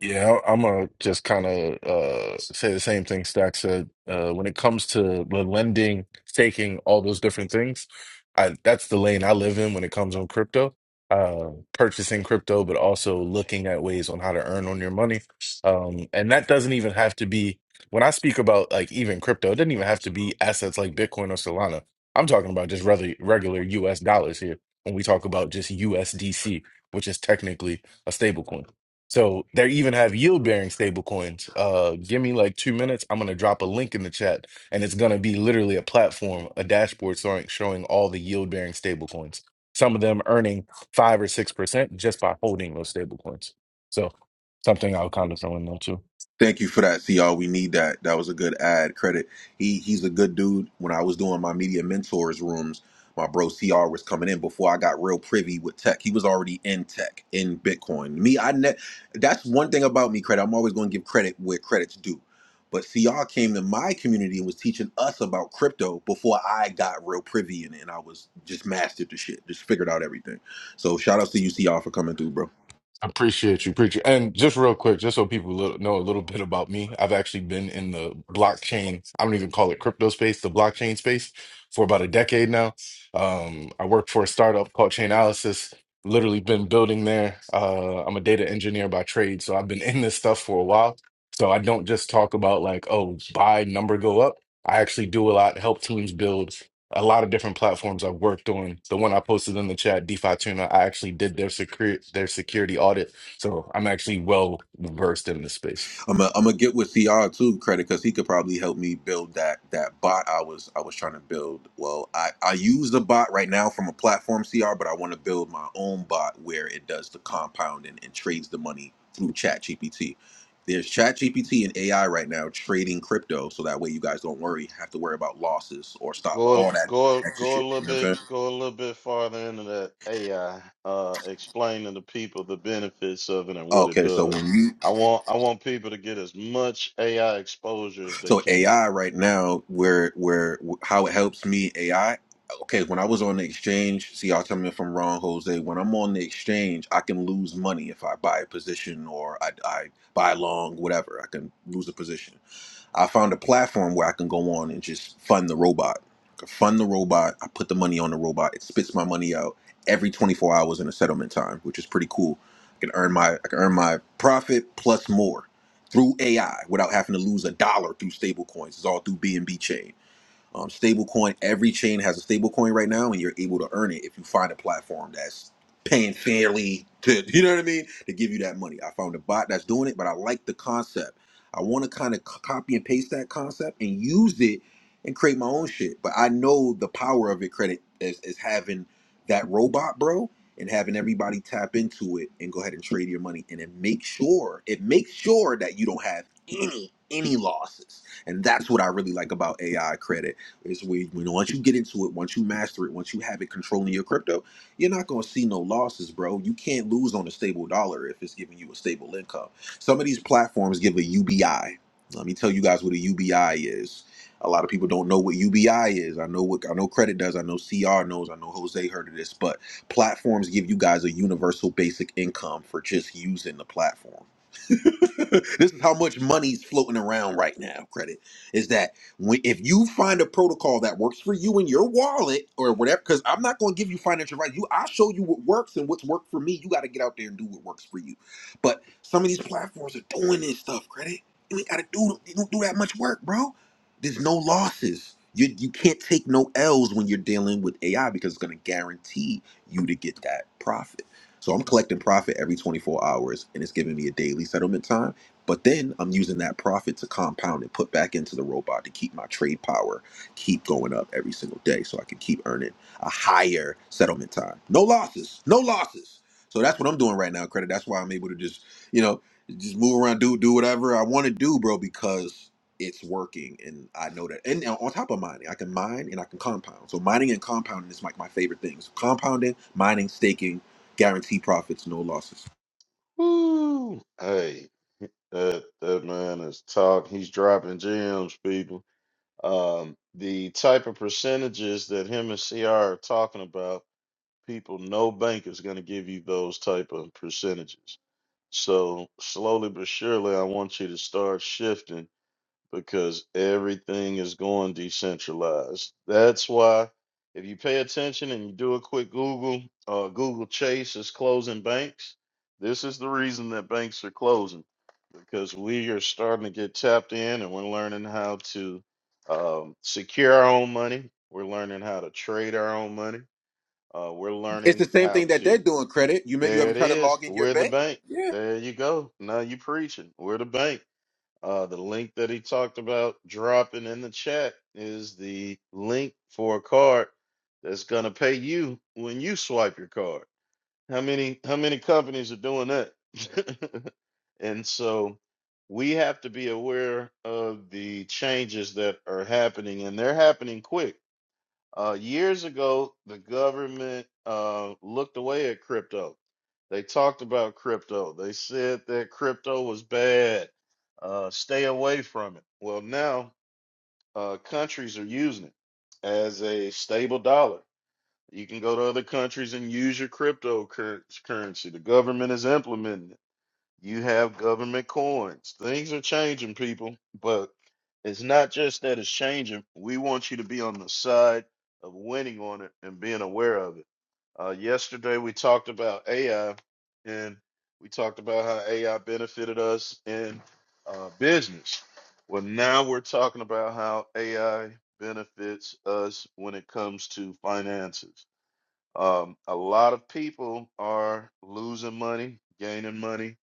Yeah, I- I'm gonna just kind of uh, say the same thing Stack said. Uh, when it comes to the lending, staking, all those different things, I, that's the lane I live in when it comes on crypto. Uh, purchasing crypto, but also looking at ways on how to earn on your money. Um, and that doesn't even have to be when I speak about like even crypto. It doesn't even have to be assets like Bitcoin or Solana. I'm talking about just rather regular U.S. dollars here when we talk about just USDC, which is technically a stablecoin. So they even have yield bearing stable coins. Uh, give me like two minutes. I'm gonna drop a link in the chat, and it's gonna be literally a platform, a dashboard showing showing all the yield bearing stable coins. Some of them earning five or six percent just by holding those stable coins. So something I'll kind of throw in there too.
Thank you for that, CR. We need that. That was a good ad credit. He he's a good dude. When I was doing my media mentors rooms, my bro CR was coming in before I got real privy with tech. He was already in tech, in Bitcoin. Me, I ne- that's one thing about me, credit. I'm always going to give credit where credit's due. But CR came to my community and was teaching us about crypto before I got real privy in it and I was just mastered the shit, just figured out everything. So shout outs to you, CR, for coming through, bro.
Appreciate you, appreciate And just real quick, just so people little, know a little bit about me, I've actually been in the blockchain, I don't even call it crypto space, the blockchain space for about a decade now. Um, I worked for a startup called Chainalysis, literally been building there. Uh, I'm a data engineer by trade, so I've been in this stuff for a while. So I don't just talk about like, oh, buy, number go up. I actually do a lot, help teams build a lot of different platforms I've worked on. The one I posted in the chat, DeFi Tuna, I actually did their security their security audit, so I'm actually well versed in this space.
I'm gonna I'm gonna get with CR too credit because he could probably help me build that that bot I was I was trying to build. Well, I I use the bot right now from a platform CR, but I want to build my own bot where it does the compounding and trades the money through Chat GPT. There's Chat GPT and AI right now trading crypto, so that way you guys don't worry have to worry about losses or stop all
go
that
go
extra
go a
shit.
little
You know what
bit
I'm saying?
go a little bit farther into that AI, uh, explaining to the people the benefits of it and what it
Okay, so
does.
when you
I want I want people to get as much AI exposure as they
So
can.
AI right now, where where how it helps me AI. Okay, when I was on the exchange, see, y'all tell me if I'm wrong, Jose. When I'm on the exchange, I can lose money if I buy a position or I, I buy long, whatever. I can lose a position. I found a platform where I can go on and just fund the robot. I can fund the robot. I put the money on the robot. It spits my money out every 24 hours in a settlement time, which is pretty cool. I can earn my I can earn my profit plus more through AI without having to lose a dollar through stable coins. It's all through BNB chain. Um, stablecoin, every chain has a stablecoin right now, and you're able to earn it if you find a platform that's paying fairly to, *laughs* you know what I mean, to give you that money. I found a bot that's doing it, but I like the concept. I want to kind of copy and paste that concept and use it and create my own shit. But I know the power of it, credit, is, is having that robot, bro, and having everybody tap into it and go ahead and trade your money and then make sure, it makes sure that you don't have any, any losses. And that's what I really like about AI credit is where when once you get into it, once you master it, once you have it controlling your crypto, you're not gonna see no losses, bro. You can't lose on a stable dollar if it's giving you a stable income. Some of these platforms give a UBI. Let me tell you guys what a UBI is. A lot of people don't know what UBI is. I know what I know credit does. I know CR knows. I know Jose heard of this, but platforms give you guys a universal basic income for just using the platform. *laughs* this is how much money's floating around right now. Credit is that when if you find a protocol that works for you in your wallet or whatever, because I'm not going to give you financial advice. You, I'll show you what works and what's worked for me. You got to get out there and do what works for you. But some of these platforms are doing this stuff. Credit, you ain't got to do you don't do that much work, bro. There's no losses. You you can't take no L's when you're dealing with AI because it's going to guarantee you to get that profit. So I'm collecting profit every 24 hours and it's giving me a daily settlement time. But then I'm using that profit to compound and put back into the robot to keep my trade power keep going up every single day so I can keep earning a higher settlement time. No losses, no losses. So that's what I'm doing right now, credit. That's why I'm able to just, you know, just move around, do do whatever I want to do, bro, because it's working and I know that. And on top of mining, I can mine and I can compound. So mining and compounding is like my favorite things. Compounding, mining, staking, Guarantee profits, no losses.
Woo! Hey. That that man is talk. He's dropping gems, people. Um, the type of percentages that him and CR are talking about, people, no bank is going to give you those type of percentages. So slowly but surely, I want you to start shifting because everything is going decentralized. That's why if you pay attention and you do a quick Google, uh, Google Chase is closing banks. This is the reason that banks are closing because we are starting to get tapped in and we're learning how to um, secure our own money. We're learning how to trade our own money. Uh, we're
It's the
learning
same
how
thing that they're
to,
doing. Credit. You may, you
there
ever
it
try to
is.
log in your
We're the
bank?
bank. There you go. Now you preaching. We're the bank. Uh, the link that he talked about dropping in the chat is the link for a card that's gonna pay you when you swipe your card. How many how many companies are doing that? *laughs* and so we have to be aware of the changes that are happening, and they're happening quick uh, years ago, the government uh, looked away at crypto. They talked about crypto. They said that crypto was bad. Uh, stay away from it. Well, now uh, countries are using it as a stable dollar. You can go to other countries and use your cryptocurrency. The government is implementing it. You have government coins. Things are changing, people, but it's not just that it's changing. We want you to be on the side of winning on it and being aware of it. Uh, yesterday, we talked about AI and we talked about how AI benefited us in uh, business. Well, now we're talking about how AI benefits us when it comes to finances. Um, a lot of people are losing money, gaining money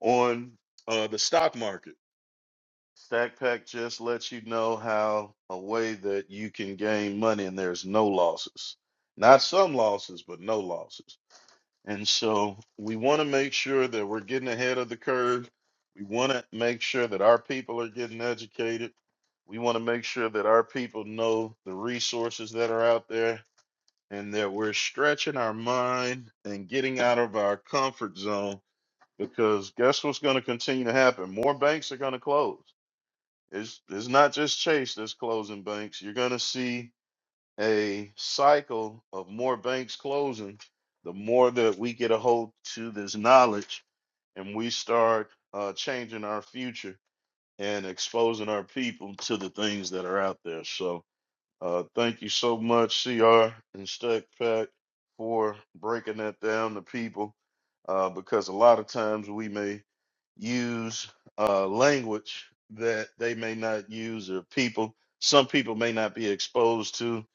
on uh, the stock market. StackPack just lets you know how a way that you can gain money and there's no losses. Not some losses, but no losses. And so we want to make sure that we're getting ahead of the curve. We want to make sure that our people are getting educated. We want to make sure that our people know the resources that are out there and that we're stretching our mind and getting out of our comfort zone because guess what's going to continue to happen? More banks are going to close. It's it's not just Chase that's closing banks. You're going to see a cycle of more banks closing. The more that we get a hold to this knowledge and we start uh, changing our future and exposing our people to the things that are out there. So uh, thank you so much, CR and Stack Pack, for breaking that down to people, uh, because a lot of times we may use uh, language that they may not use, or people, some people may not be exposed to.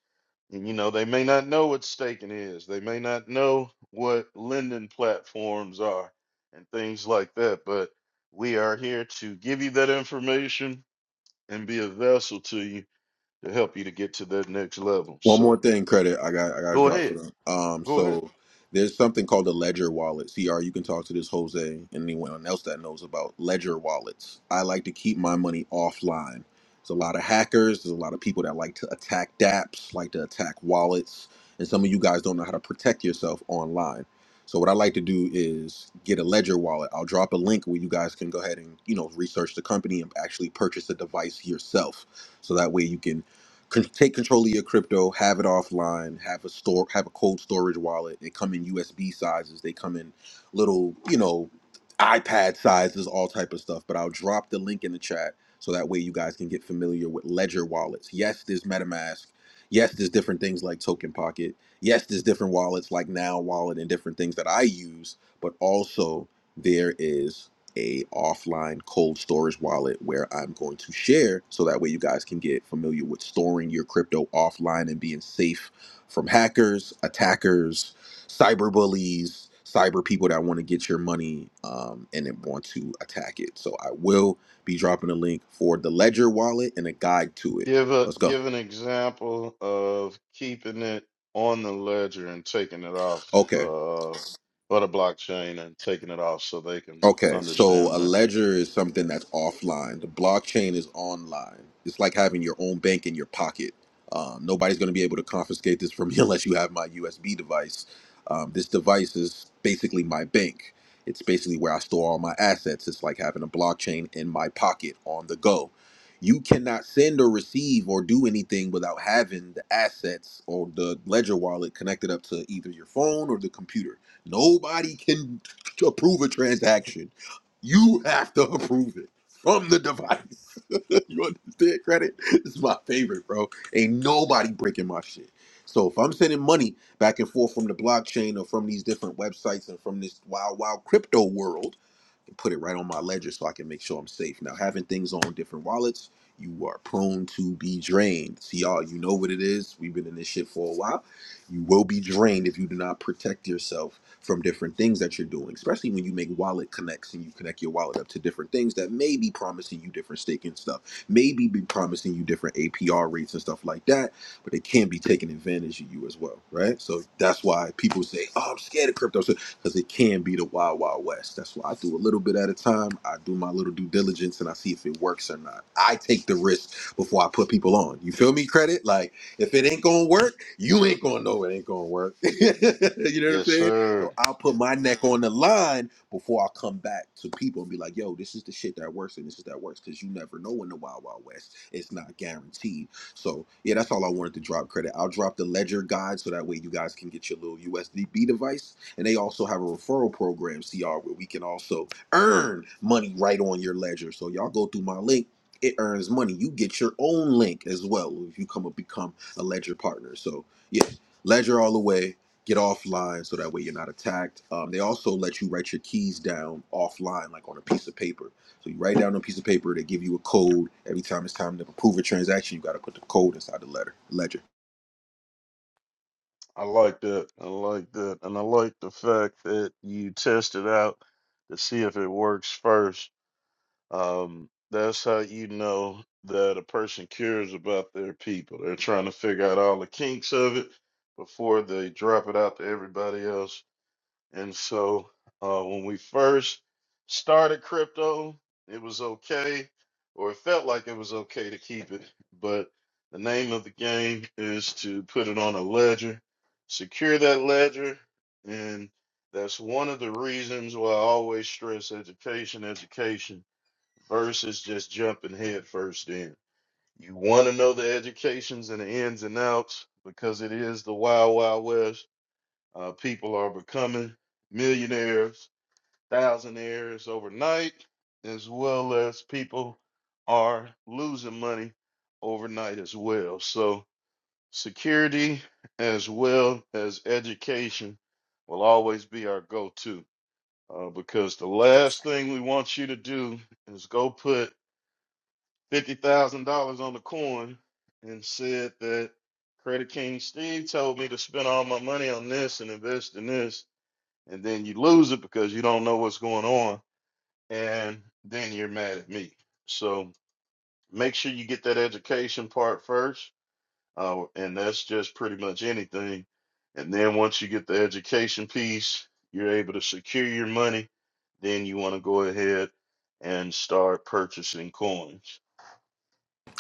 And, you know, they may not know what staking is, they may not know what lending platforms are, and things like that. But we are here to give you that information and be a vessel to you to help you to get to that next level.
One more
So
thing, credit I got I got to
go
drop for
ahead,
them. Um,
go ahead.
so there's something called a ledger wallet. CR, you can talk to this Jose and anyone else that knows about ledger wallets. I like to keep my money offline. There's a lot of hackers. There's a lot of people that like to attack DApps, like to attack wallets, and some of you guys don't know how to protect yourself online. So what I like to do is get a ledger wallet. I'll drop a link where you guys can go ahead and you know research the company and actually purchase a device yourself. So that way you can con- take control of your crypto, have it offline, have a store, have a cold storage wallet. They come in USB sizes, they come in little, you know, iPad sizes, all type of stuff. But I'll drop the link in the chat so that way you guys can get familiar with Ledger wallets. Yes, there's MetaMask. Yes, there's different things like Token Pocket. Yes, there's different wallets like Now Wallet and different things that I use. But also there is a offline cold storage wallet where I'm going to share so that way you guys can get familiar with storing your crypto offline and being safe from hackers, attackers, cyber bullies, cyber people that want to get your money um, and then want to attack it. So I will be dropping a link for the Ledger wallet and a guide to it.
Give a
Let's go.
give an example of keeping it on the ledger and taking it off uh,
Okay.
or the blockchain and taking it off so they can
Okay, so
understand
a
that.
ledger is something that's offline. The blockchain is online. It's like having your own bank in your pocket. Um, nobody's going to be able to confiscate this from me *laughs* unless you have my USB device. Um, this device is basically my bank. It's basically where I store all my assets. It's like having a blockchain in my pocket on the go. You cannot send or receive or do anything without having the assets or the ledger wallet connected up to either your phone or the computer. Nobody can to approve a transaction, you have to approve it from the device. *laughs* you understand credit? This is my favorite, bro. Ain't nobody breaking my shit. So if I'm sending money back and forth from the blockchain or from these different websites and from this wild, wild crypto world, and put it right on my ledger so I can make sure I'm safe. Now, having things on different wallets, you are prone to be drained. See, y'all, you know what it is. We've been in this shit for a while. You will be drained if you do not protect yourself from different things that you're doing, especially when you make wallet connects and you connect your wallet up to different things that may be promising you different staking stuff, maybe be promising you different APR rates and stuff like that, but they can be taking advantage of you as well, right? So that's why people say, oh, I'm scared of crypto. So, because it can be the wild, wild west. That's why I do a little bit at a time. I do my little due diligence and I see if it works or not. I take the risk before I put people on. You feel me, credit? Like, if it ain't gonna work, you ain't gonna know it ain't gonna work. *laughs* you know what I'm
Yes,
saying?
sir.
So I'll put my neck on the line before I come back to people and be like, yo, this is the shit that works and this is that works because you never know in the wild, wild west. It's not guaranteed. So yeah, that's all I wanted to drop credit. I'll drop the ledger guide so that way you guys can get your little USDB device and they also have a referral program, CR, where we can also earn money right on your ledger. So y'all go through my link, it earns money. You get your own link as well if you come and become a ledger partner. So yeah, ledger all the way. Get offline so that way you're not attacked. Um, they also let you write your keys down offline, like on a piece of paper. So you write down on a piece of paper. They give you a code every time it's time to approve a transaction. You got to put the code inside the letter ledger.
I like that. I like that, and I like the fact that you test it out to see if it works first Um, that's how you know that a person cares about their people. They're trying to figure out all the kinks of it before they drop it out to everybody else. And so, uh, when we first started crypto, it was okay, or it felt like it was okay to keep it. But the name of the game is to put it on a ledger, secure that ledger, and that's one of the reasons why I always stress education, education versus just jumping head first in. You want to know the educations and the ins and outs because it is the wild, wild west. Uh, people are becoming millionaires, thousandaires overnight, as well as people are losing money overnight as well. So, security as well as education will always be our go to uh, because the last thing we want you to do is go put fifty thousand dollars on the coin and said that Credit King Steve told me to spend all my money on this and invest in this, and then you lose it because you don't know what's going on, and then you're mad at me. So make sure you get that education part first, uh, and that's just pretty much anything. And then once you get the education piece, you're able to secure your money. Then you want to go ahead and start purchasing coins.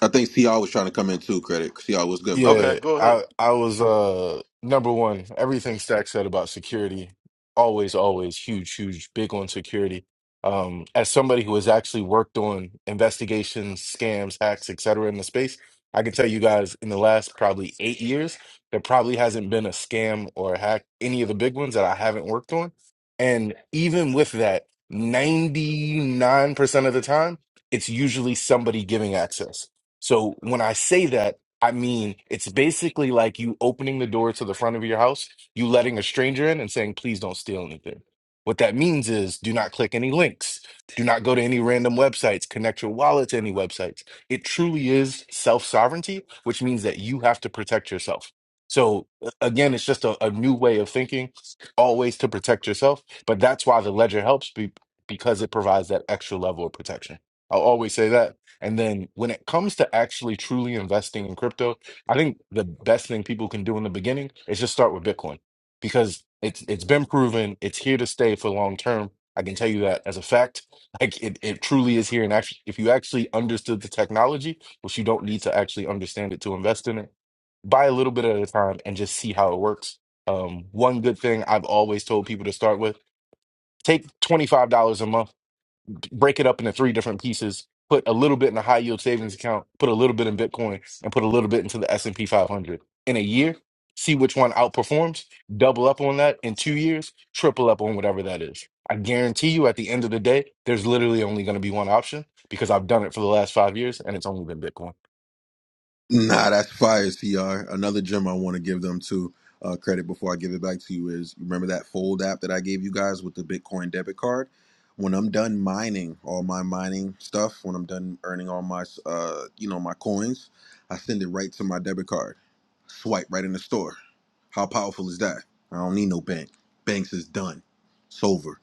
I think CR was trying to come in too. Credit CR was good, brother.
Okay,
Yeah,
go ahead.
I I was uh number one, everything Stack said about security, always, always huge, huge, big on security. Um, as somebody who has actually worked on investigations, scams, hacks, et cetera, in the space, I can tell you guys in the last probably eight years, there probably hasn't been a scam or a hack, any of the big ones that I haven't worked on. And even with that, 99% of the time, it's usually somebody giving access. So when I say that, I mean, it's basically like you opening the door to the front of your house, you letting a stranger in and saying, please don't steal anything. What that means is do not click any links, do not go to any random websites, connect your wallet to any websites. It truly is self sovereignty, which means that you have to protect yourself. So a- again, it's just a, a new way of thinking, always to protect yourself. But that's why the ledger helps be, because it provides that extra level of protection. I'll always say that and then when it comes to actually truly investing in crypto, I think the best thing people can do in the beginning is just start with Bitcoin because it's it's been proven it's here to stay for long term. I can tell you that as a fact. *laughs* Like it, it truly is here. And actually, if you actually understood the technology, which you don't need to actually understand it to invest in it, buy a little bit at a time and just see how it works. Um, one good thing I've always told people to start with, take $25 a month break it up into three different pieces, put a little bit in a high yield savings account, put a little bit in Bitcoin, and put a little bit into the S&P 500. In a year, see which one outperforms, double up on that in 2 years, triple up on whatever that is. I guarantee you at the end of the day, there's literally only going to be one option because I've done it for the last 5 years and it's only been Bitcoin.
Nah, that's fire, TR. Another gem I want to give them to uh, credit before I give it back to you is remember that Fold app that I gave you guys with the Bitcoin debit card? When I'm done mining all my mining stuff, when I'm done earning all my uh, you know my coins, I send it right to my debit card. Swipe right in the store. How powerful is that? I don't need no bank. Banks is done. It's over.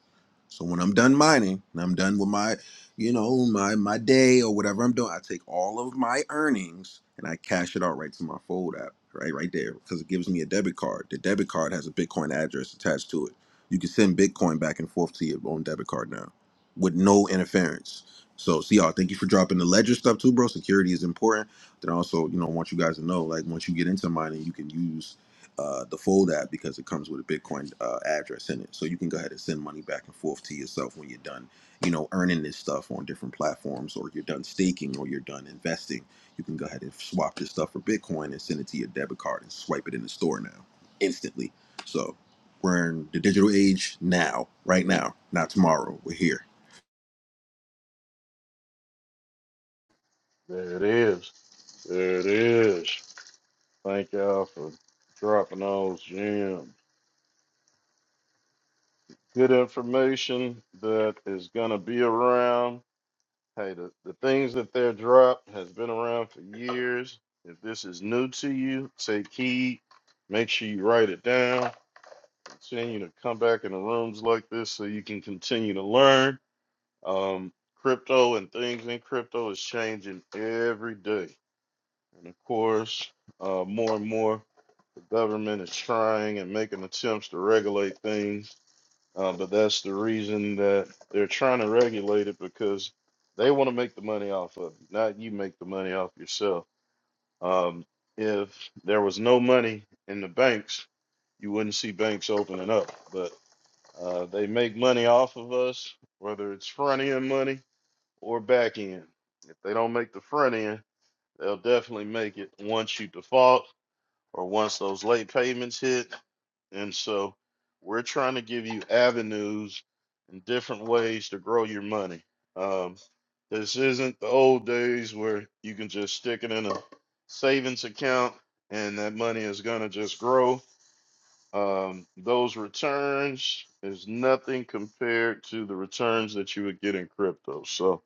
So when I'm done mining and I'm done with my you know, my my day or whatever I'm doing. I take all of my earnings and I cash it out right to my Fold app, right, right there, because it gives me a debit card. The debit card has a Bitcoin address attached to it. You can send Bitcoin back and forth to your own debit card now, with no interference. So, see y'all. Thank you for dropping the ledger stuff too, bro. Security is important. Then also, you know, I want you guys to know, like, once you get into mining, you can use uh, the Fold app because it comes with a Bitcoin uh, address in it. So you can go ahead and send money back and forth to yourself when you're done you know, earning this stuff on different platforms, or you're done staking, or you're done investing, you can go ahead and swap this stuff for Bitcoin and send it to your debit card and swipe it in the store now, instantly. So we're in the digital age now, right now, not tomorrow. We're here.
There it is. There it is. Thank y'all for dropping those gems. Good information that is gonna be around. Hey, the, the things that they're dropped has been around for years. If this is new to you, take heed. Make sure you write it down. Continue to come back in the rooms like this so you can continue to learn. Um, crypto and things in crypto is changing every day. And of course, uh, more and more the government is trying and making attempts to regulate things, uh, but that's the reason that they're trying to regulate it because they want to make the money off of you. not you make the money off yourself. Um, if there was no money in the banks, you wouldn't see banks opening up, but uh, they make money off of us, whether it's front end money or back end. If they don't make the front end, they'll definitely make it once you default or once those late payments hit. And so we're trying to give you avenues and different ways to grow your money. Um, this isn't the old days where you can just stick it in a savings account and that money is going to just grow. Um, those returns is nothing compared to the returns that you would get in crypto. So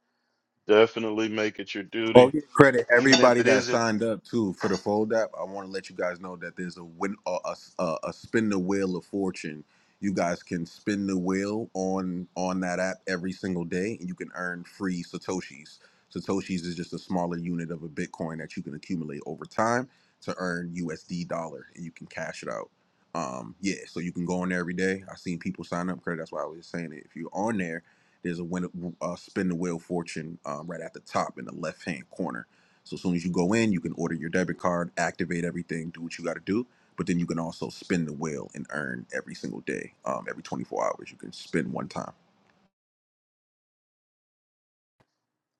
definitely make it your
Oh,
duty,
yeah. Credit
even if
everybody
it
that
isn't.
signed up too for the fold app. I want to let you guys know that there's a win, a, a, a a spin the wheel of fortune. You guys can spin the wheel on on that app every single day, and you can earn free satoshis. Satoshis is just a smaller unit of a Bitcoin that you can accumulate over time to earn USD dollar, and you can cash it out. Um, yeah, so you can go on there every day. I've seen people sign up. Credit. That's why I was saying it. If you're on there there's a win, uh, spin the wheel of fortune um, right at the top in the left hand corner. So as soon as you go in, you can order your debit card, activate everything, do what you got to do. But then you can also spin the wheel and earn every single day, um, every 24 hours. You can spin one time.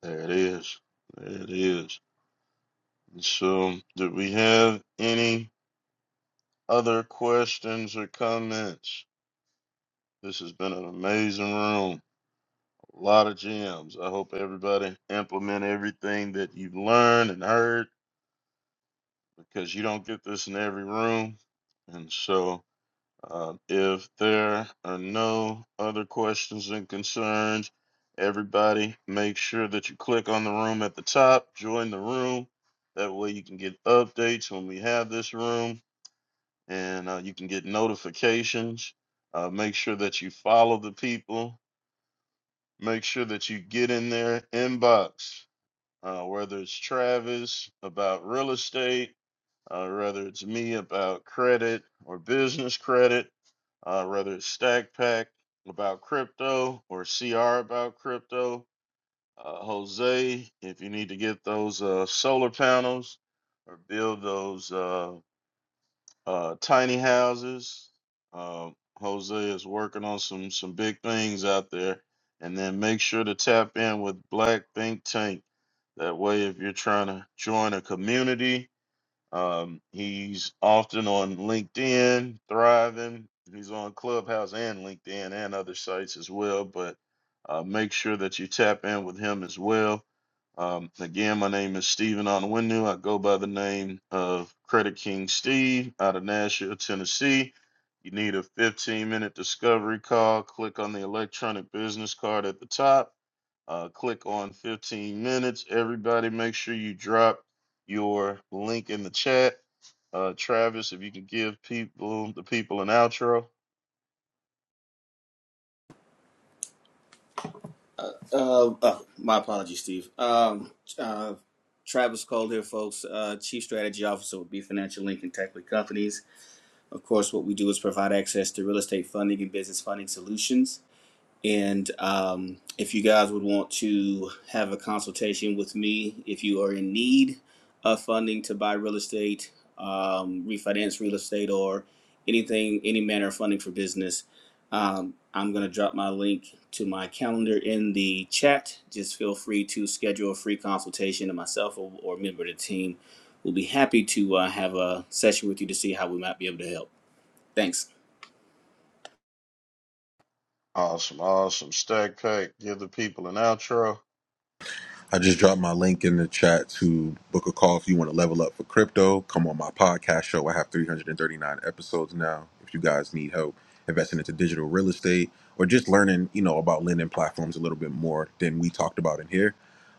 There it is. There it is. So, do we have any other questions or comments? This has been an amazing room. A lot of gems. I hope everybody implement everything that you've learned and heard because you don't get this in every room. And so, uh, if there are no other questions and concerns, everybody make sure that you click on the room at the top, join the room. That way you can get updates when we have this room. and uh, you can get notifications. Uh, make sure that you follow the people. Make sure that you get in their inbox, uh, whether it's Travis about real estate, uh, whether it's me about credit or business credit, uh, whether it's Stack Pack about crypto or CR about crypto. Uh, Jose, if you need to get those uh, solar panels or build those. Uh, uh, tiny houses. Uh, Jose is working on some some big things out there, and then make sure to tap in with Black Think Tank. That way, if you're trying to join a community um, he's often on LinkedIn, thriving. He's on Clubhouse and LinkedIn and other sites as well. But uh, make sure that you tap in with him as well. Um, again, my name is Stephen Onwenu. I go by the name of Credit King Steve out of Nashville, Tennessee. You need a 15 minute discovery call. Click on the electronic business card at the top uh, click on 15 minutes. Everybody, make sure you drop your link in the chat. Uh, Travis, if you can give people the people an outro.
uh, oh, my apologies steve um, uh, travis cole here folks uh, chief strategy officer with b financial link and tech lead companies of course what we do is provide access to real estate funding and business funding solutions And um, if you guys would want to have a consultation with me, if you are in need of funding to buy real estate, um, refinance real estate, or anything, any manner of funding for business, um, I'm going to drop my link to my calendar in the chat. Just feel free to schedule a free consultation, and myself or, or a member of the team will be happy to uh, have a session with you to see how we might be able to help. Thanks.
Awesome, awesome. Stack pack, give the people an outro.
I just dropped my link in the chat to book a call if you want to level up for crypto. Come on my podcast show. I have 339 episodes now. If you guys need help investing into digital real estate or just learning, you know, about lending platforms a little bit more than we talked about in here,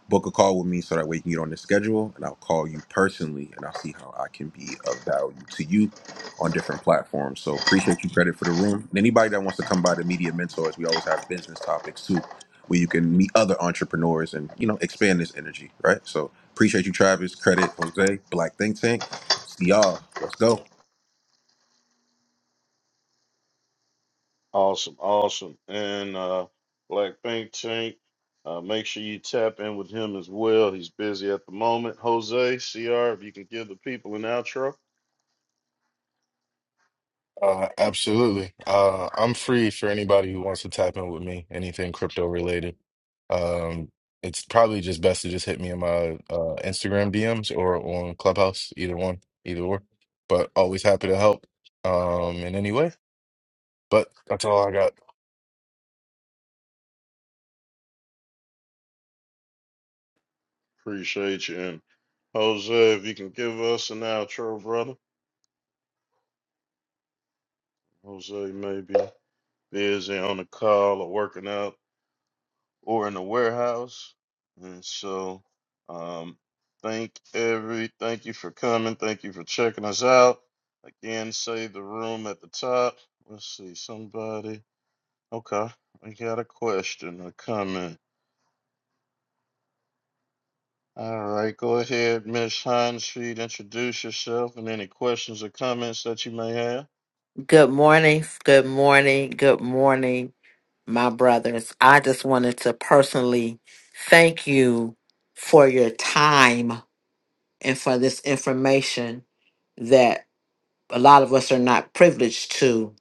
book a call with me so that way you can get on the schedule and I'll call you personally and I'll see how I can be of value to you on different platforms. So appreciate you credit for the room. And anybody that wants to come by the media mentors, we always have business topics too where you can meet other entrepreneurs and you know expand this energy, right? So appreciate you, Travis. Credit Jose, Black Think Tank. See y'all. Let's go.
Awesome, awesome. And uh, Black Pink Tank, uh, make sure you tap in with him as well. He's busy at the moment. Jose, CR, if you can give the people an outro,
Uh, absolutely. Uh, I'm free for anybody who wants to tap in with me, anything crypto related. Um, it's probably just best to just hit me in my uh, Instagram DMs or on Clubhouse, either one, either or. But always happy to help um, in any way. But that's all I got.
appreciate you. And Jose, if you can give us an outro, brother. Jose, maybe. busy on the call or working out or in the warehouse. And so, um, thank every, thank you for coming. Thank you for checking us out. Again, save the room at the top. Let's see, somebody. Okay, we got a question or comment. All right, go ahead, Miss Hines. she introduce yourself and any questions or comments that you may have.
Good morning, good morning, good morning, my brothers. I just wanted to personally thank you for your time and for this information that a lot of us are not privileged to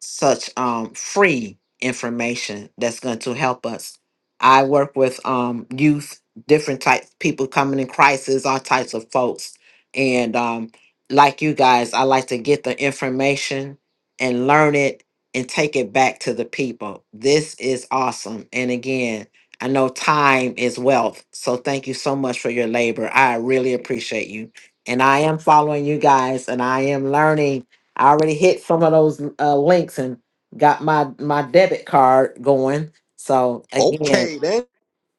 such um, free information that's going to help us. I work with um, youth, different types people coming in crisis, all types of folks, and um, like you guys, I like to get the information and learn it and take it back to the people. This is awesome, and again, I know time is wealth, so thank you so much for your labor. I really appreciate you, and I am following you guys, and I am learning I already hit some of those uh, links and got my my debit card going. So again,
Okay, then.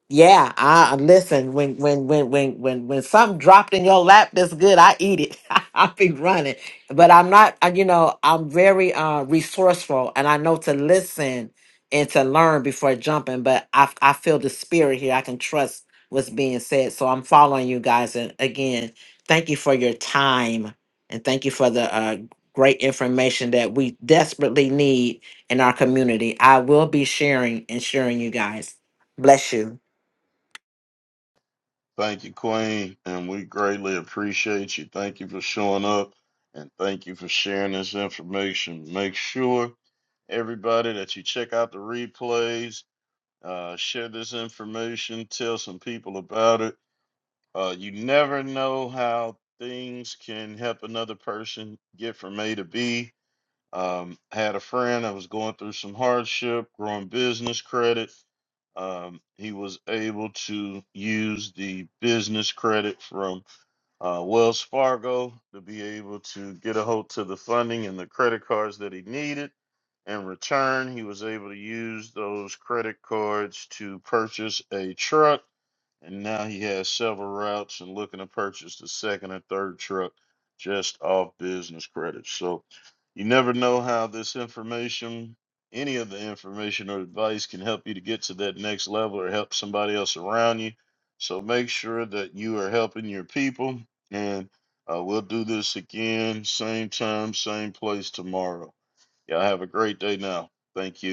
yeah, I listen when when when when when when something dropped in your lap that's good, I eat it. *laughs* i be running. But I'm not uh, you know, I'm very uh resourceful and I know to listen and to learn before jumping, but I I feel the spirit here. I can trust what's being said. So I'm following you guys and again, thank you for your time and thank you for the uh great information that we desperately need in our community. I will be sharing and sharing you guys. Bless you.
Thank you, Queen, and we greatly appreciate you. Thank you for showing up and thank you for sharing this information. Make sure, everybody, that you check out the replays, uh, share this information, tell some people about it. Uh, you never know how things can help another person get from A to B. Um, had a friend that was going through some hardship, growing business credit. Um, he was able to use the business credit from uh, Wells Fargo to be able to get a hold to the funding and the credit cards that he needed. In return, he was able to use those credit cards to purchase a truck and now he has several routes and looking to purchase the second or third truck just off business credits. So you never know how this information, any of the information or advice can help you to get to that next level or help somebody else around you. So make sure that you are helping your people. And uh, we'll do this again, same time, same place tomorrow. Y'all have a great day now. Thank you.